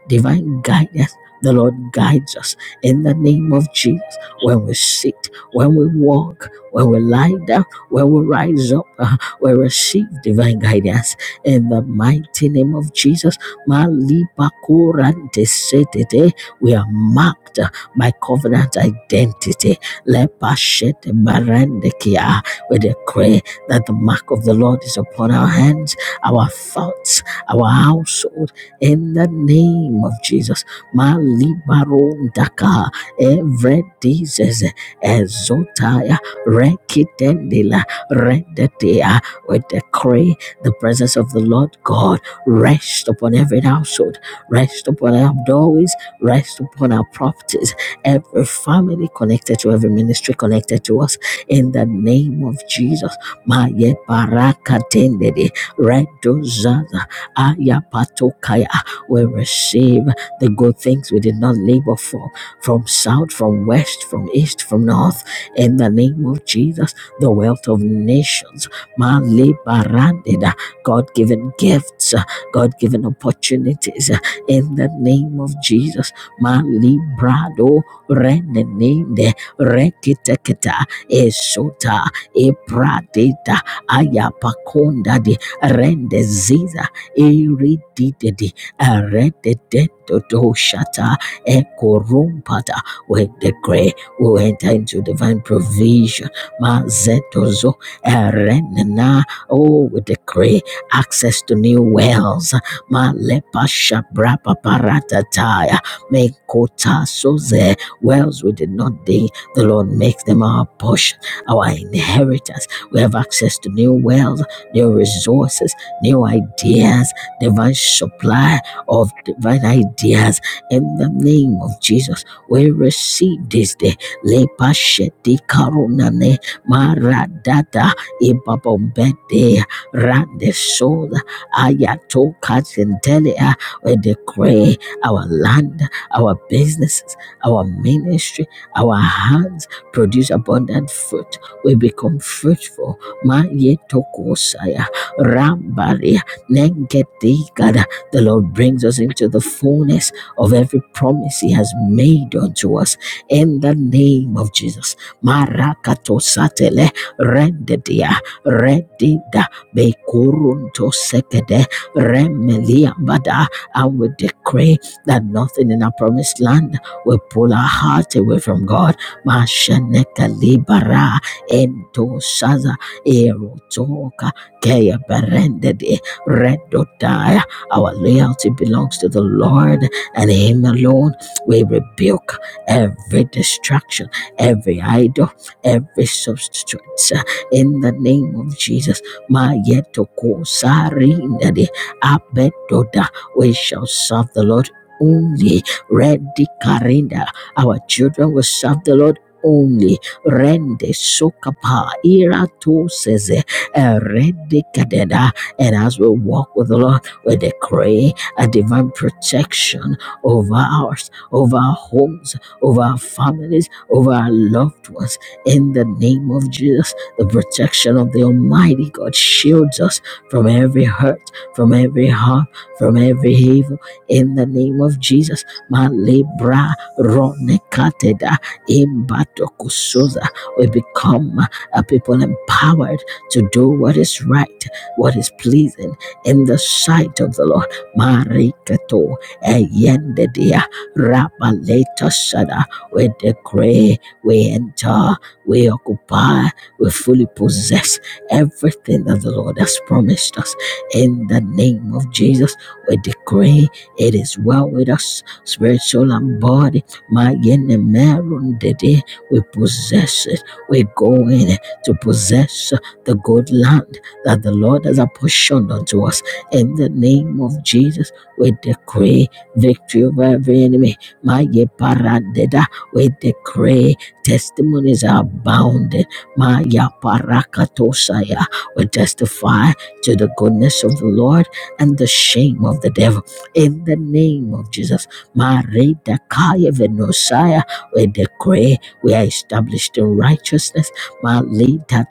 divine guidance. The Lord guides us in the name of Jesus when we sit, when we walk, when we lie down, when we rise up, uh, we receive divine guidance in the mighty name of Jesus. Malibakorantesetete. We are marked uh, by covenant identity. Lepashete barandekia. We decree that the mark of the Lord is upon our hands, our thoughts, our household, in the name of Jesus. Malibarondaka. Every disease, exotaya Rekitendila Rendatea. We decree the presence of the Lord God rest upon every household, rest upon our doorways, rest upon our properties, every family connected to every ministry connected to us. In the name of Jesus. Maye barakatendede redozaza ayapatokaya. We receive the good things we did not labor for from south, from west, from east, from north in the name of Jesus, the wealth of nations. Malibarandida, God given gifts, God given opportunities uh, in the name of Jesus. Malibrado renenende rekiteketa esota epradeta ayapakondadi rendeziza irididedi arededetodoshata ekorompata with the grace. We'll enter into divine provision. Mazetozo erenena. Oh, we decree access to new wells. Malepa shabrapa paratataya. Mekota soze. Wells we did not dig. The Lord makes them our portion, our inheritance. We have access to new wells, new resources, new ideas, divine supply of divine ideas. In the name of Jesus, we receive this day lepasheti karunane maradada ibabombede randesoda ayato kazendelia. We decree our land, our businesses, our ministry, our hands produce abundant fruit. We become fruitful. Ma yetokosaya rambari nengedigada. The Lord brings us into the fullness of every promise He has made unto us in the name of Jesus. Marakatosatele rendedia redida bekurunto sekede remeliambada. I will decree that nothing in our promised land will pull our heart away from God. Masheneka libara ento shaza erotoka keya berendedi redodaya. Our loyalty belongs to the Lord and Him alone. We rebuke every distraction, every idol, every substitute. uh, In the name of Jesus, Mayetoko Sarindade Abedoda, we shall serve the Lord only. Ready Karinda, our children will serve the Lord only. Rende Sokapa Irato Seze Rende Kadeda. And as we walk with the Lord, we decree a divine protection over ours, over our homes over our families, over our loved ones. In the name of Jesus, the protection of the Almighty God shields us from every hurt, from every harm, from every evil. In the name of Jesus, Malebra Ronekateda Imbatokusoza, we become a people empowered to do what is right, what is pleasing in the sight of the Lord. Marikato Eyendedea Rabaleta Shada. We decree, we enter, we occupy, we fully possess everything that the Lord has promised us. In the name of Jesus, we decree it is well with us, spiritual and body. My Yenemeron Dede, we possess it. We go in to possess the good land that the Lord has apportioned unto us. In the name of Jesus, we decree victory over every enemy. My ye paradeda, we decree testimonies are abounding. My ya parakatosaya, we testify to the goodness of the Lord and the shame of the devil. In the name of Jesus, my reda kaya venosaya, we decree we are established in righteousness. My leda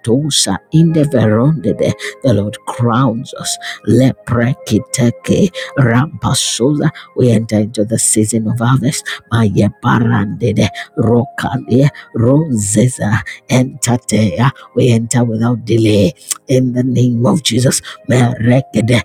in the verondede, the Lord crowns us. Leprekiteke rampasola we enter into the season of harvest. Maye barandede, rokale, rozeza, entatea. We enter without delay in the name of Jesus. Merekede,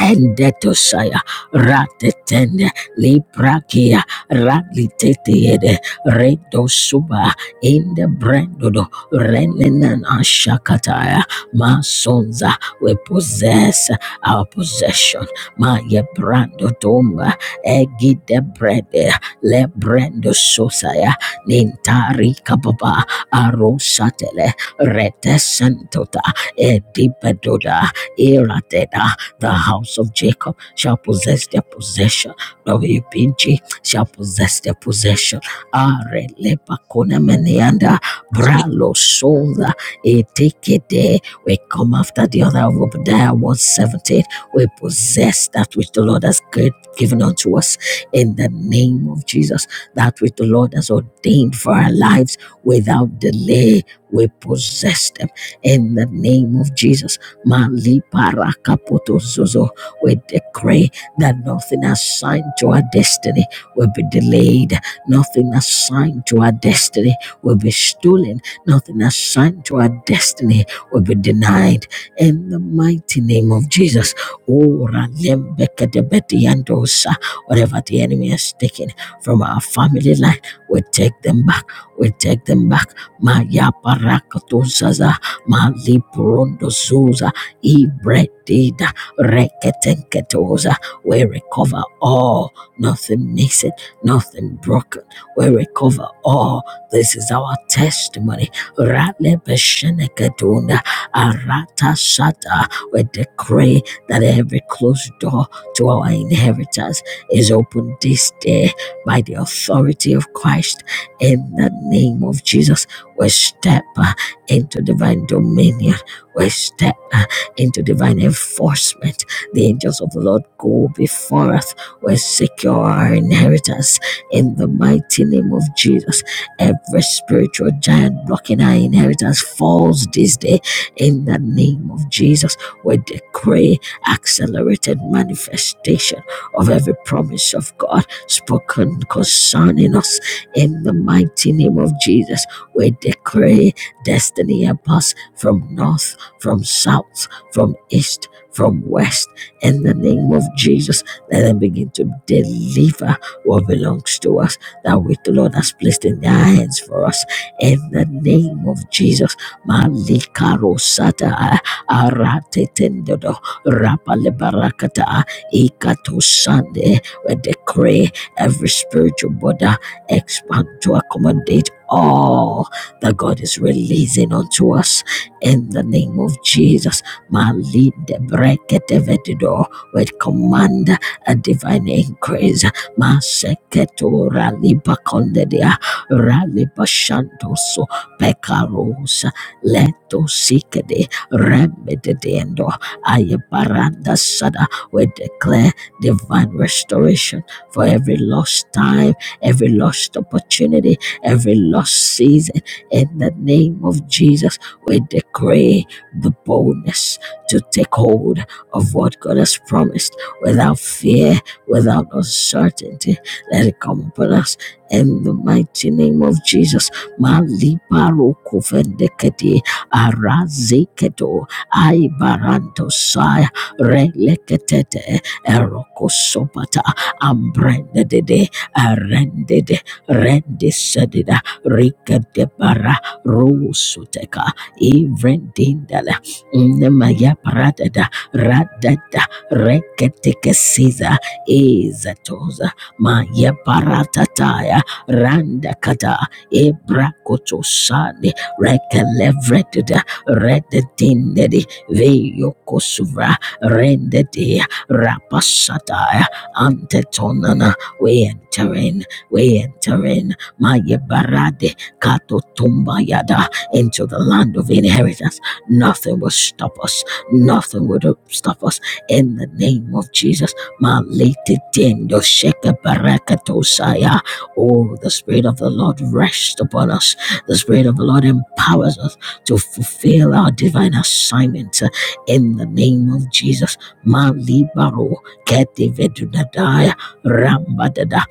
endetosaya ratetende liprakia ragitetiede redosuba indebrendodo renenan ashakataya masonza we possess our possession maya brandodomba egidebrede lebrendo sosaya nintari kababa arosatele retesentota edibedoda irateda the house of Jacob shall possess their possession. Lord, we pinch shall possess their possession. Are lepa kone meneanda bralo sola etekede. We come after the other of Obadiah 117. We possess that which the Lord has gi- given unto us in the name of Jesus. That which the Lord has ordained for our lives without delay. We possess them in the name of Jesus. Mali para parakapoto zozo. We decree that nothing assigned to our destiny will be delayed, nothing assigned to our destiny will be stolen, nothing assigned to our destiny will be denied. In the mighty name of Jesus, Oh, Ralembekadebediandosa. whatever the enemy has taken from our family life, we take them back, we take them back. Maya parakatosaza, mali prondozuza, ibredida, reketenketosa. We recover all. Nothing missing, nothing broken. We recover all. This is our testimony. Rale besheneketuna, arata shata. We decree that every closed door to our inheritance is open this day by the authority of Christ. In the name of Jesus, we step uh, into divine dominion. We step uh, into divine enforcement the angels of the Lord go before us. We secure our inheritance in the mighty name of Jesus. Every spiritual giant blocking our inheritance falls this day in the name of Jesus. We decree accelerated manifestation of every promise of God spoken concerning us in the mighty name of Jesus. We decree destiny help us from north, from south, from east, from west in the name of Jesus. Let them begin to deliver what belongs to us that which the Lord has placed in their hands for us in the name of Jesus. Malikaro sata aratetendodo rapalebarakata ikatosande. We decree every spiritual border expand to accommodate all that God is releasing unto us in the name of Jesus. Malide brekedevedido. We command a divine increase. Maseketo raliba kondedia raliba shantoso pekaros leto sikede remedendo ayabaranda sada. We declare divine restoration for every lost time, every lost opportunity, every lost season. In the name of Jesus, we decree the boldness to take hold of what God has promised without fear, without uncertainty. Let it come upon us in the mighty name of Jesus. Malibarokofendekete, arazeketo, aibarantosai, releketete, erokosobata, ambrendedede, arendede, rendisedida, rikadebara, rusuteka, ivrendindale, Inemaya paradada radada reketekesiza izatoza maya paratataya randakada ebrakotosane rekelevredida rededindedi veyokosuvra rendedi rapasataya antetonana we enter in we enter in maya barade kato tumbayada into the land of inheritance Nothing will stop us. Nothing will stop us. In the name of Jesus. Malete tendo sheka barakatosaya. Oh, the Spirit of the Lord rests upon us. The Spirit of the Lord empowers us to fulfill our divine assignment. In the name of Jesus. Malibaro kete vedudadaya rambadada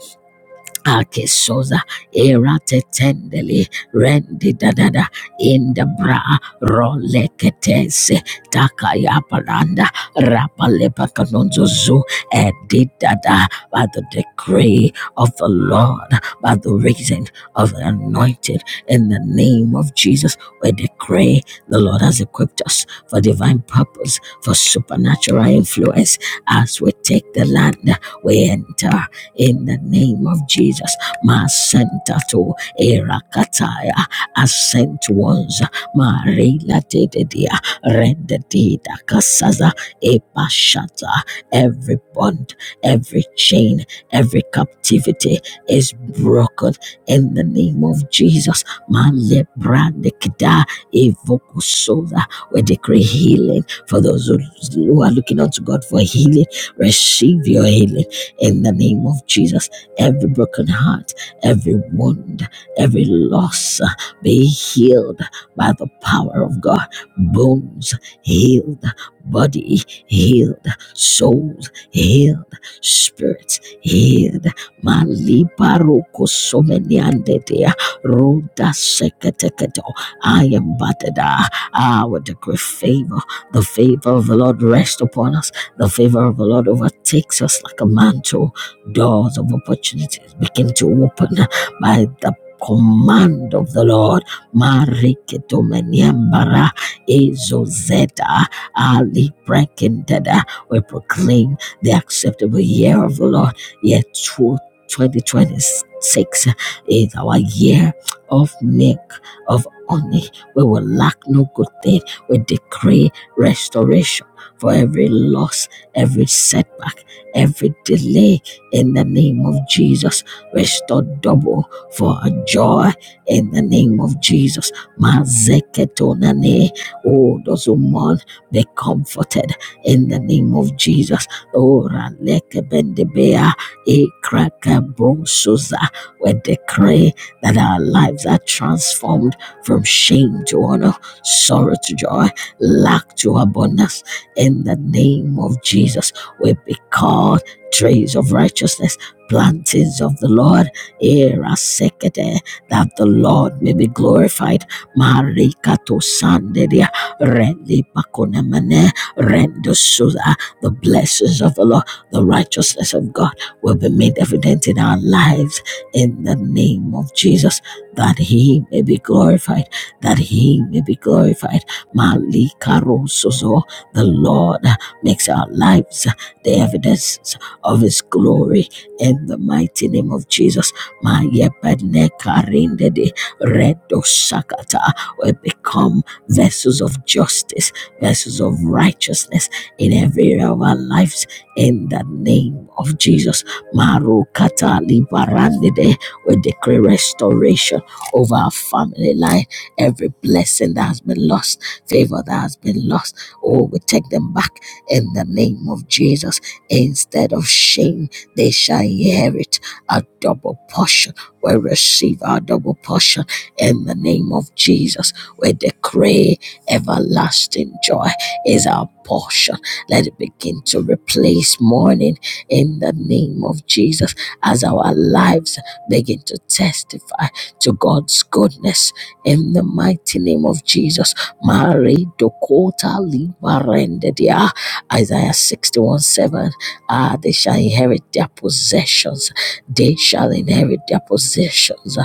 Akesoza eratetendeli rendi dadada indabra roleketese takayaparanda rapalepakanonzozu edidada by the decree of the Lord, by the reason of the anointed in the name of Jesus. We decree the Lord has equipped us for divine purpose, for supernatural influence as we take the land we enter in the name of Jesus. Masentato erakataya ascent ones marila dededia rendedida kasaza epashata. Every bond, every chain, every captivity is broken in the name of Jesus. Malebrandekida evokusoda. We decree healing for those who who are looking unto God for healing. Receive your healing in the name of Jesus. Every broken heart, every wound, every loss uh, be healed by the power of God. Bones healed, body healed, souls healed, spirits healed. Malibaroko someniandedea, roda seketeketo. I am Badada. I would decree favor. The favor of the Lord rest upon us the favor of the Lord overtakes us like a mantle. Doors of opportunities begin to open by the command of the Lord. Marikitomeniambara Ezozeta Ali Brekindada. We proclaim the acceptable year of the Lord. Year 2026 is our year of milk, of honey. We will lack no good thing. We decree restoration for every lost every setback, every delay in the name of Jesus. Restore double for our joy in the name of Jesus. Mazeketonane. Oh, those who mourn, be comforted in the name of Jesus. Oh, Ralekebendebea, Ekrakabronsoza. we decree that our lives are transformed from shame to honor, sorrow to joy, lack to abundance in the name of Jesus. We be called trees of righteousness, plantings of the Lord, era secade, that the Lord may be glorified. Marikato sandedia, rendi pakonemene, rendo suda. The blessings of the Lord, the righteousness of God will be made evident in our lives in the name of Jesus, that he may be glorified, that he may be glorified. Malikarosozo, the Lord makes our lives the evidence of His glory in the mighty name of Jesus. Mayebenekarindede redosakata. We become vessels of justice, vessels of righteousness in every area of our lives in the name of Jesus. Marukata libarandede. We decree restoration over our family life, every blessing that has been lost, favor that has been lost Oh, we take them back in the name of Jesus. Instead of shame, they shall inherit a double portion. We receive our double portion in the name of Jesus. We decree everlasting joy is our portion. Let it begin to replace mourning in the name of Jesus as our lives begin to testify to God's goodness in the mighty name of Jesus. Mare Dokota Libarendedia. Isaiah 61 7. Ah, they shall inherit their possessions. They shall inherit their possessions.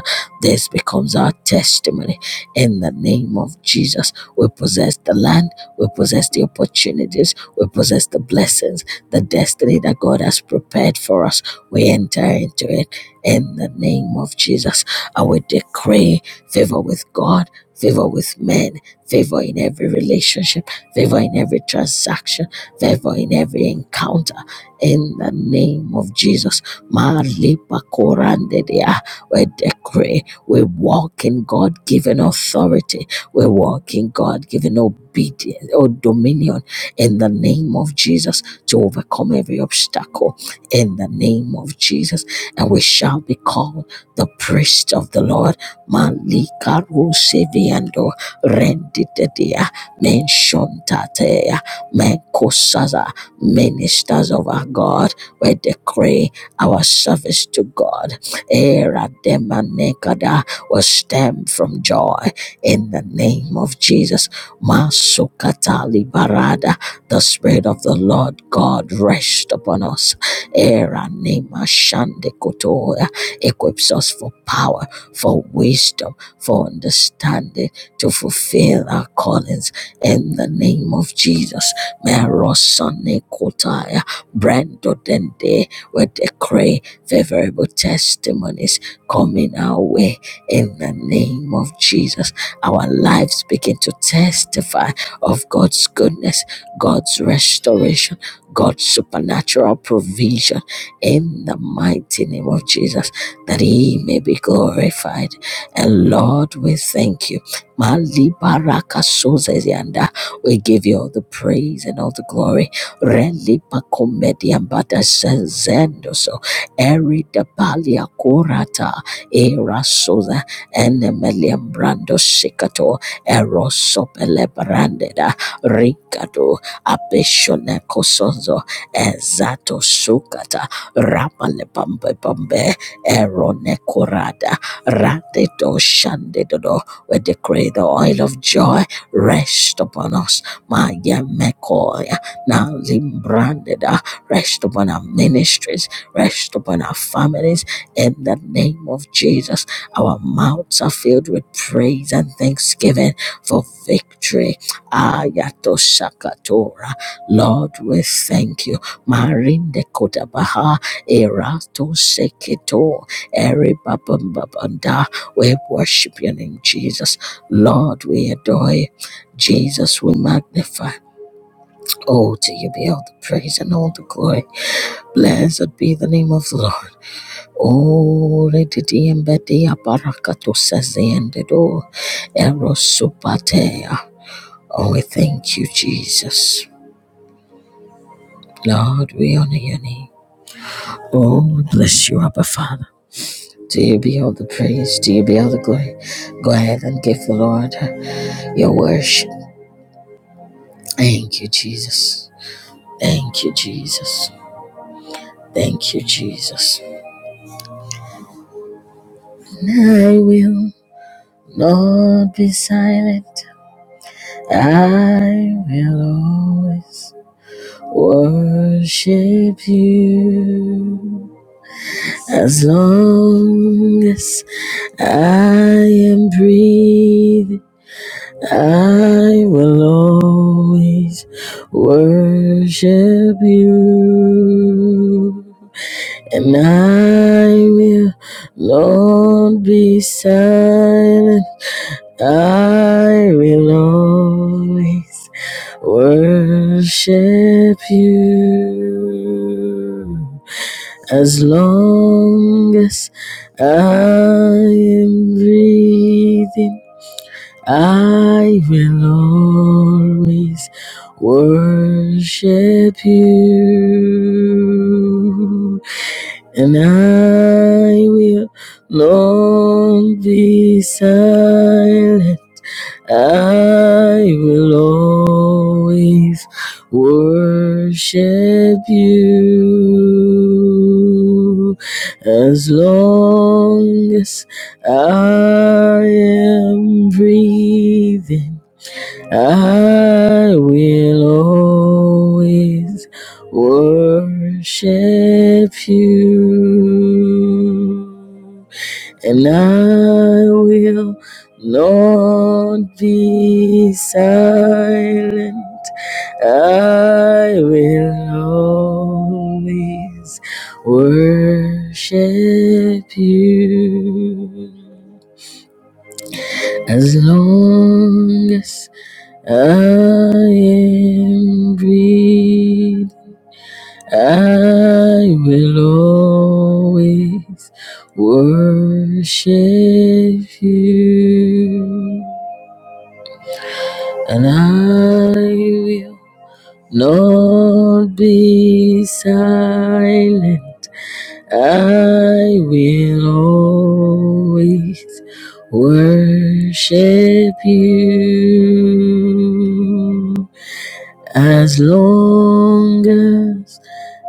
This becomes our testimony. In the name of Jesus, we possess the land, we possess the opportunities, we possess the blessings, the destiny that God has prepared for us. We enter into it in the name of Jesus. And we decree favor with God, favor with men favor in every relationship, favor in every transaction, favor in every encounter. In the name of Jesus, Malipa Korandedea, we decree, we walk in God given authority, we walk in God given obedience or dominion in the name of Jesus to overcome every obstacle in the name of Jesus, and we shall be called the priest of the Lord. Malika Ruseviando renditetia, menshontatea, menkosaza, ministers of our God, we decree our service to God, era demanekada, will stem from joy in the name of Jesus. Masukatali barada, the Spirit of the Lord God rest upon us. Era nema shande kotoya, equips us for power, for wisdom, for understanding to fulfill our callings in the name of Jesus. Merosane Kotaya, Brando Dende, we decree favorable testimonies coming our way in the name of Jesus. Our lives begin to testify of God's goodness, God's restoration, God's supernatural provision in the mighty name of Jesus, that He may be glorified. And Lord, we thank you Malibaraka Sozezianda. We give you all the praise and all the glory. Relipa Comediambata Zendoso. Erida Balia Korata. Era Soza. Enemeliam ambrando Sikato. Erosopele Brandeda. Rikado abeshone Kosonzo. Ezato Sukata. Rapale Bambe Bambe. Erone Korada. Rate Do Shande do. do we decree the oil of joy rest upon us. Maya Mekoya, now Limbrandeda, rest upon our ministries, rest upon our families. In the name of Jesus, our mouths are filled with praise and thanksgiving for victory. Ayato Shakatora, Lord, we thank you. Marinde Kotabaha, Erato Sekito. Eri babum babum We worship your name, Jesus. Lord, we adore you. Jesus, we magnify. Oh, to you be all the praise and all the glory. Blessed be the name of the Lord. Oh, redidi embedi abarakato sezi endedo. Erosupatea. Oh, we thank you, Jesus. Lord, we honor your name. Oh, we bless you, Abba Father. To you be all the praise, to you be all the glory. Go ahead and give the Lord. your worship. Thank you, Jesus. Thank you, Jesus. Thank you, Jesus. I will not be silent. I will always worship you as long as I am breathing. I will always worship you, and I will not be silent. I will always worship you as long as I am breathing. I will always worship you, and I will not be silent. I will always worship you as long as I am breathing. I will always worship you, and I will not be silent. I will always worship you. As long as I am breathing, I will always worship you, and I will not be silent. I will always worship you as long as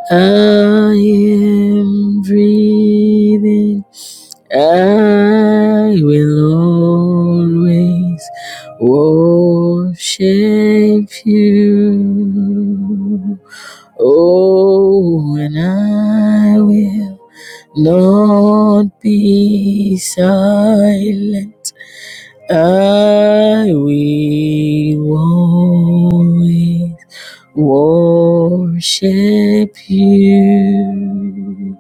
I am breathing. I will always worship you. Oh, and I will. Lord, be silent. I will always worship you.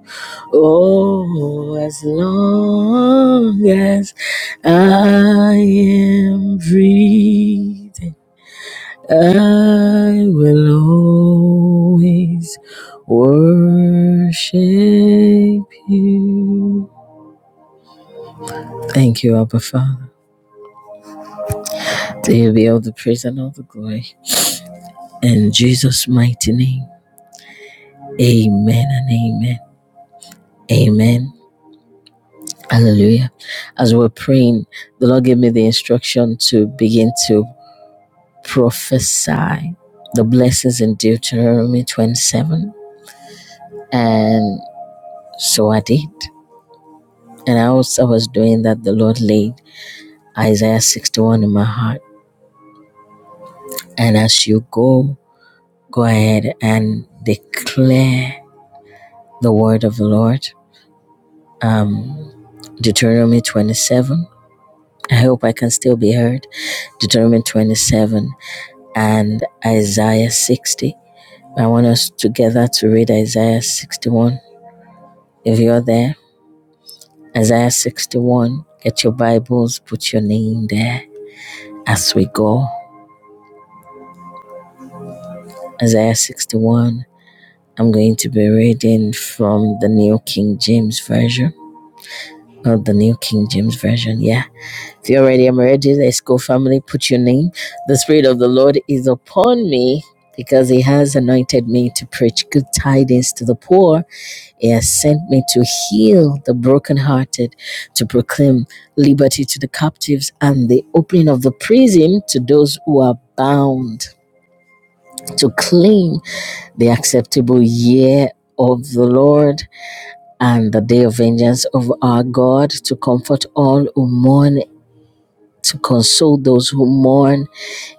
Oh, as long as I am breathing, I will always worship you. Thank you, Abba Father. To you be all the praise and all the glory. In Jesus' mighty name. Amen and amen. Amen. Hallelujah. As we're praying, the Lord gave me the instruction to begin to prophesy the blessings in Deuteronomy 27. And so I did. And as I was doing that, the Lord laid Isaiah 61 in my heart. And as you go, go ahead and declare the word of the Lord um, Deuteronomy 27. I hope I can still be heard. Deuteronomy 27 and Isaiah 60. I want us together to read Isaiah 61. If you're there, Isaiah 61, get your Bibles, put your name there as we go. Isaiah 61. I'm going to be reading from the New King James Version. Or the New King James Version, yeah. If you're ready, I'm ready. Let's go, family. Put your name. The Spirit of the Lord is upon me because He has anointed me to preach good tidings to the poor. He has sent me to heal the brokenhearted, to proclaim liberty to the captives and the opening of the prison to those who are bound, to claim the acceptable year of the Lord and the day of vengeance of our God, to comfort all who mourn to console those who mourn,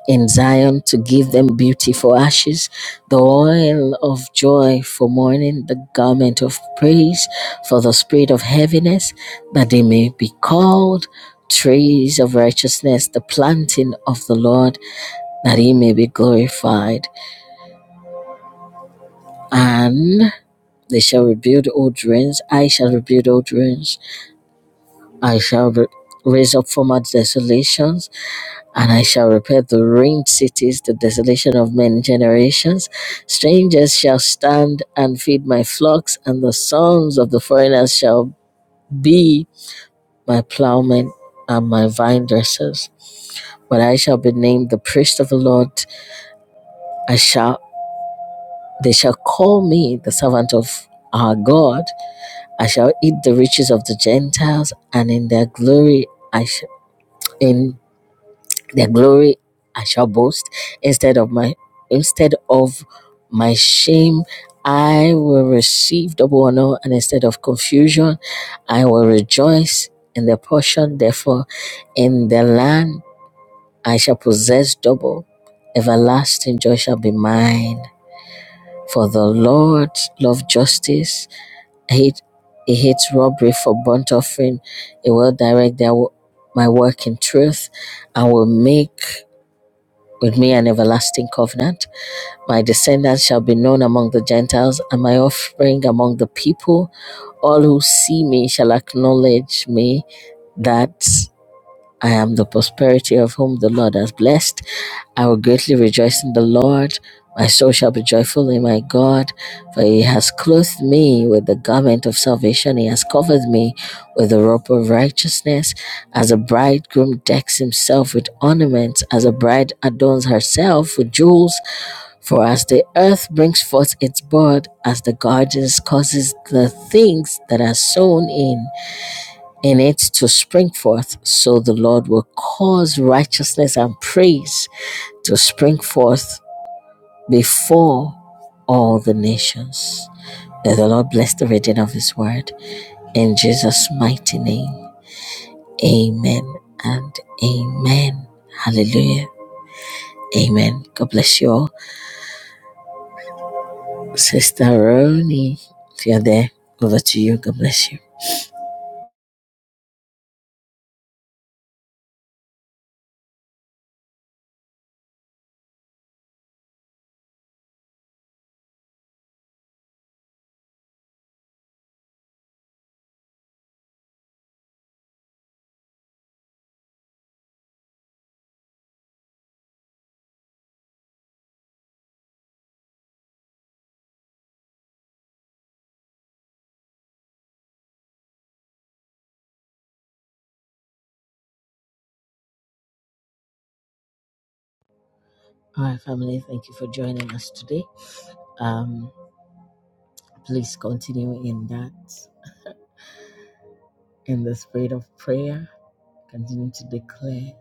in Zion to give them beauty for ashes, the oil of joy for mourning, the garment of praise for the spirit of heaviness, that they may be called trees of righteousness, the planting of the Lord, that he may be glorified. And they shall rebuild old ruins, I shall rebuild old ruins, I shall re- raise up former desolations And I shall repair the ruined cities, the desolation of many generations. Strangers shall stand and feed my flocks, and the sons of the foreigners shall be my plowmen and my vine dressers. But I shall be named the priest of the Lord. I shall they shall call me the servant of our God. I shall eat the riches of the Gentiles, and in their glory I shall. in their glory I shall boast instead of my instead of my shame I will receive double honor and instead of confusion I will rejoice in the portion therefore in the land I shall possess double everlasting joy shall be mine for the Lord loves justice he, he hates robbery for burnt offering he will direct their, my work in truth and will make with me an everlasting covenant. My descendants shall be known among the Gentiles, and my offspring among the people. All who see me shall acknowledge me that I am the prosperity of whom the Lord has blessed. I will greatly rejoice in the Lord. My soul shall be joyful in my God, for he has clothed me with the garment of salvation. He has covered me with the robe of righteousness. As a bridegroom decks himself with ornaments, as a bride adorns herself with jewels. For as the earth brings forth its bud, as the gardens causes the things that are sown in, in it to spring forth, so the Lord will cause righteousness and praise to spring forth before all the nations. May the Lord bless the reading of His word. In Jesus' mighty name, amen and amen. Hallelujah. Amen. God bless you all. Sister Roni, if you're there, over to you. God bless you. All right, family, thank you for joining us today. Um, please continue in that in the spirit of prayer. Continue to declare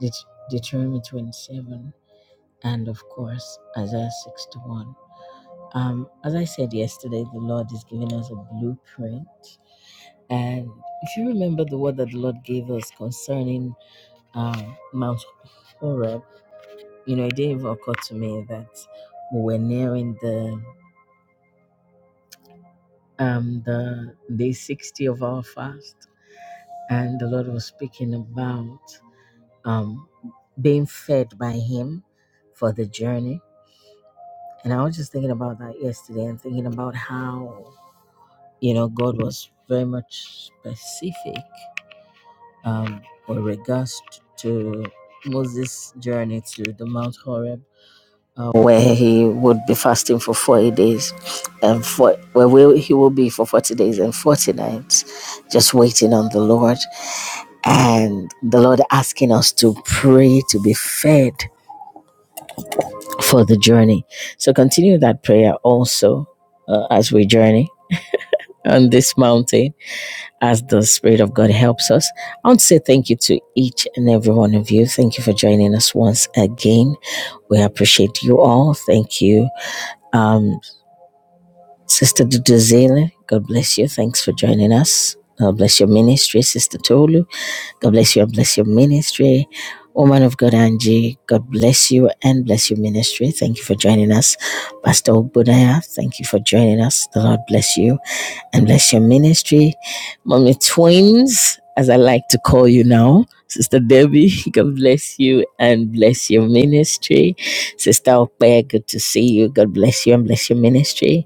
Det- Deuteronomy 27 and, of course, Isaiah 61. Um, as I said yesterday, the Lord is giving us a blueprint. And if you remember the word that the Lord gave us concerning um, Mount Horeb, you know, it didn't even occur to me that we were nearing the um, the day 60 of our fast, and the Lord was speaking about um, being fed by Him for the journey. And I was just thinking about that yesterday and thinking about how, you know, God was very much specific um, with regards to Moses' journey to the Mount Horeb, uh, where he would be fasting for 40 days and for, where will- he will be for 40 days and 40 nights, just waiting on the Lord. And the Lord asking us to pray to be fed for the journey. So continue that prayer also uh, as we journey on this mountain as the Spirit of God helps us. I want to say thank you to each and every one of you. Thank you for joining us once again. We appreciate you all. Thank you, um, Sister Duduzela. God bless you. Thanks for joining us. God bless your ministry, Sister Tolu. God bless you and bless your ministry. Woman of God, Angie, God bless you and bless your ministry. Thank you for joining us. Pastor Obunaya. thank you for joining us. The Lord bless you and bless your ministry. Mommy Twins, as I like to call you now. Sister Debbie, God bless you and bless your ministry. Sister Ope, good to see you. God bless you and bless your ministry.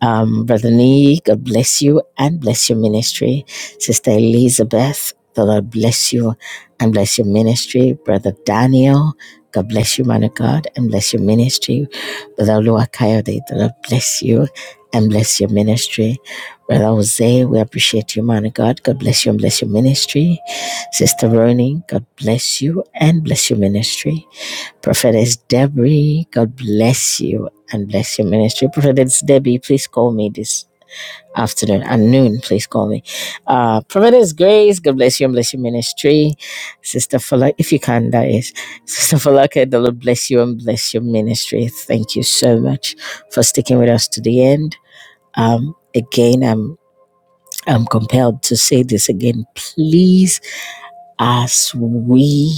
Um, Brother Nee, God bless you and bless your ministry. Sister Elizabeth, the Lord bless you and bless your ministry. Brother Daniel, God bless you, man of God, and bless your ministry. Brother Lua the Lord bless you and bless your ministry. Brother Jose, we appreciate you, man of God. God bless you and bless your ministry. Sister Ronin, God bless you and bless your ministry. Prophetess Debbie, God bless you and bless your ministry. Prophetess Debbie, please call me this afternoon at noon. Please call me. Uh, Prophetess Grace, God bless you and bless your ministry. Sister Fola, if you can, that is. Sister Falaka, the Lord bless you and bless your ministry. Thank you so much for sticking with us to the end. Um, again, I'm I'm compelled to say this again. Please, as we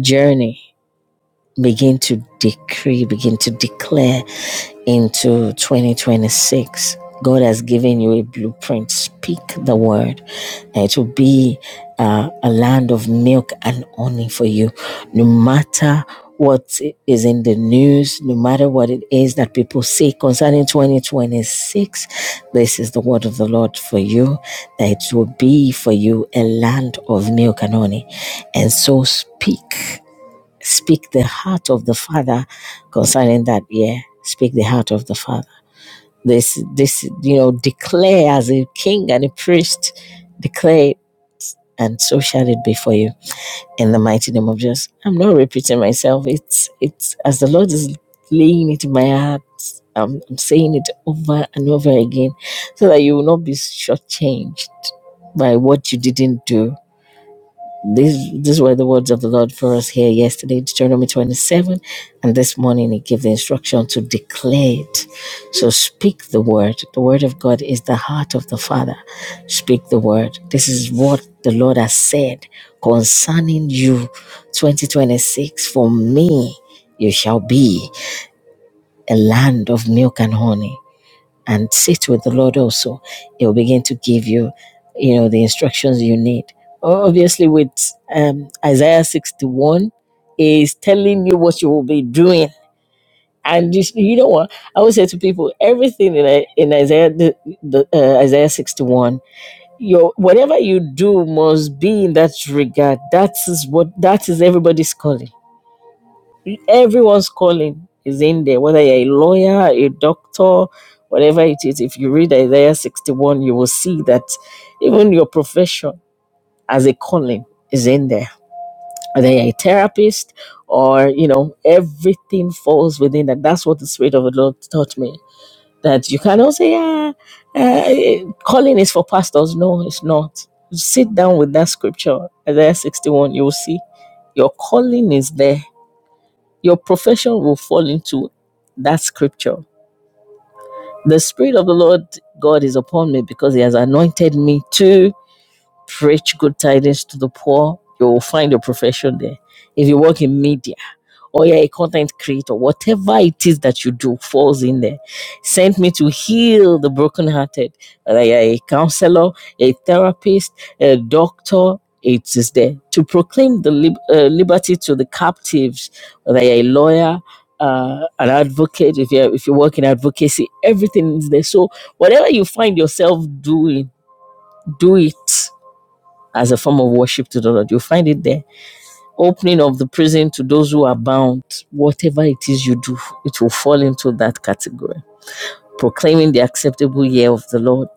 journey, begin to decree, begin to declare into 2026. God has given you a blueprint. Speak the word. It will be uh, a land of milk and honey for you. No matter what is in the news, no matter what it is that people say concerning 2026, this is the word of the Lord for you, that it will be for you a land of milk and honey. And so speak. Speak the heart of the Father concerning that year. Speak the heart of the Father. This, this, you know, declare as a king and a priest, declare and so shall it be for you. In the mighty name of Jesus. I'm not repeating myself. It's, it's as the Lord is laying it in my heart. I'm, I'm saying it over and over again so that you will not be shortchanged by what you didn't do these, these were the words of the Lord for us here yesterday, Deuteronomy 27. And this morning, He gave the instruction to declare it. So speak the word. The word of God is the heart of the Father. Speak the word. This is what the Lord has said concerning you, 2026. For me, you shall be a land of milk and honey and sit with the Lord also. He will begin to give you, you know, the instructions you need. Obviously, with um, Isaiah 61, is telling you what you will be doing. And you, you know what? I would say to people, everything in, I- in Isaiah the, the, uh, Isaiah 61, your whatever you do must be in that regard. That is what that is everybody's calling Everyone's calling is in there, whether you're a lawyer, a doctor, whatever it is. If you read Isaiah 61, you will see that even your profession as a calling is in there. Whether you're a therapist or, you know, everything falls within that. That's what the Spirit of the Lord taught me. That you cannot say, ah, uh, calling is for pastors. No, it's not. Sit down with that scripture, Isaiah 61, you will see your calling is there your profession will fall into that scripture. The Spirit of the Lord God is upon me because He has anointed me to preach good tidings to the poor, you will find your profession there. If you work in media or you're a content creator, whatever it is that you do falls in there. Sent me to heal the brokenhearted. Whether you're a counselor, a therapist, a doctor, it is there. To proclaim the lib- uh, liberty to the captives, whether you're a lawyer, uh, an advocate, if you if you work in advocacy, everything is there. So whatever you find yourself doing, do it as a form of worship to the Lord. You'll find it there. Opening of the prison to those who are bound, whatever it is you do, it will fall into that category. Proclaiming the acceptable year of the Lord.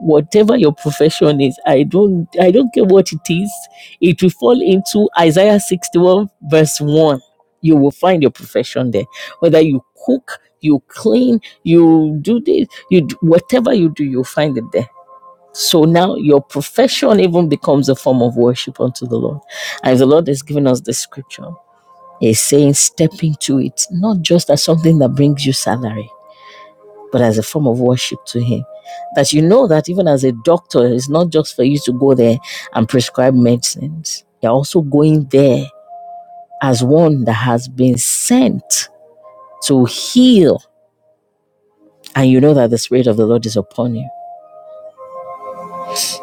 Whatever your profession is, I don't I don't care what it is, it will fall into Isaiah 61, verse 1. You will find your profession there. Whether you cook, you clean, you do this, you do, whatever you do, you'll find it there so now your profession even becomes a form of worship unto the Lord. And the Lord has given us the scripture. He's saying, step into it, not just as something that brings you salary, but as a form of worship to Him. That you know that even as a doctor, it's not just for you to go there and prescribe medicines. You're also going there as one that has been sent to heal. And you know that the Spirit of the Lord is upon you.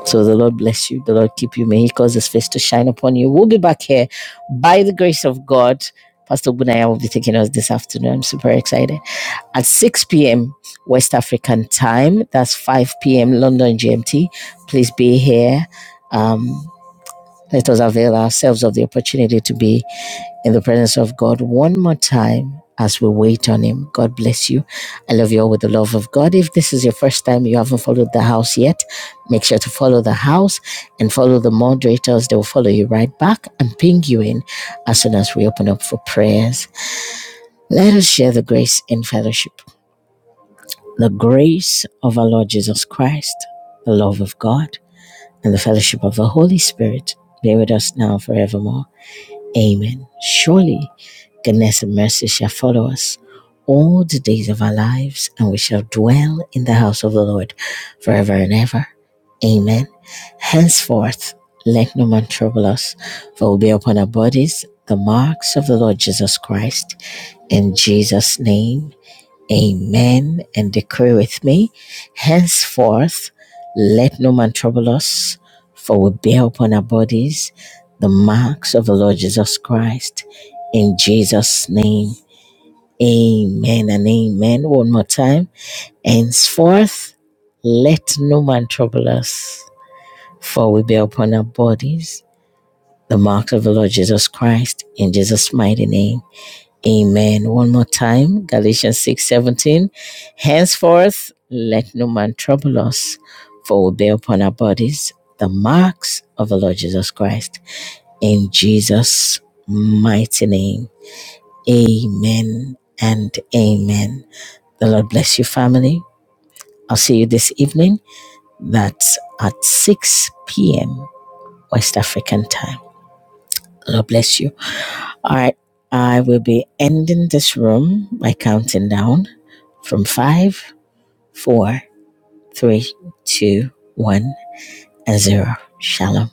So the Lord bless you. The Lord keep you. May He cause His face to shine upon you. We'll be back here by the grace of God. Pastor Bunaya will be taking us this afternoon. I'm super excited. At 6 p.m. West African time, that's 5 p.m. London GMT. Please be here. Um, let us avail ourselves of the opportunity to be in the presence of God one more time as we wait on Him. God bless you. I love you all with the love of God. If this is your first time, you haven't followed the house yet, make sure to follow the house and follow the moderators. They will follow you right back and ping you in as soon as we open up for prayers. Let us share the grace in fellowship. The grace of our Lord Jesus Christ, the love of God, and the fellowship of the Holy Spirit be with us now forevermore. Amen. Surely goodness and mercy shall follow us all the days of our lives, and we shall dwell in the house of the Lord forever and ever. Amen. Henceforth, let no man trouble us, for we'll be upon our bodies the marks of the Lord Jesus Christ. In Jesus' name, Amen. And decree with me, henceforth, let no man trouble us, for we bear upon our bodies the marks of the Lord Jesus Christ. In Jesus' name, amen and amen. One more time. Henceforth, let no man trouble us, for we bear upon our bodies the mark of the Lord Jesus Christ. In Jesus' mighty name. Amen. One more time, Galatians six seventeen. Henceforth, let no man trouble us, for we bear upon our bodies the marks of the Lord Jesus Christ. In Jesus' mighty name. Amen and amen. The Lord bless you, family. I'll see you this evening. That's at 6 p.m. West African time. The Lord bless you. All right. I will be ending this room by counting down from five, four, three, two, one, and zero. Shalom.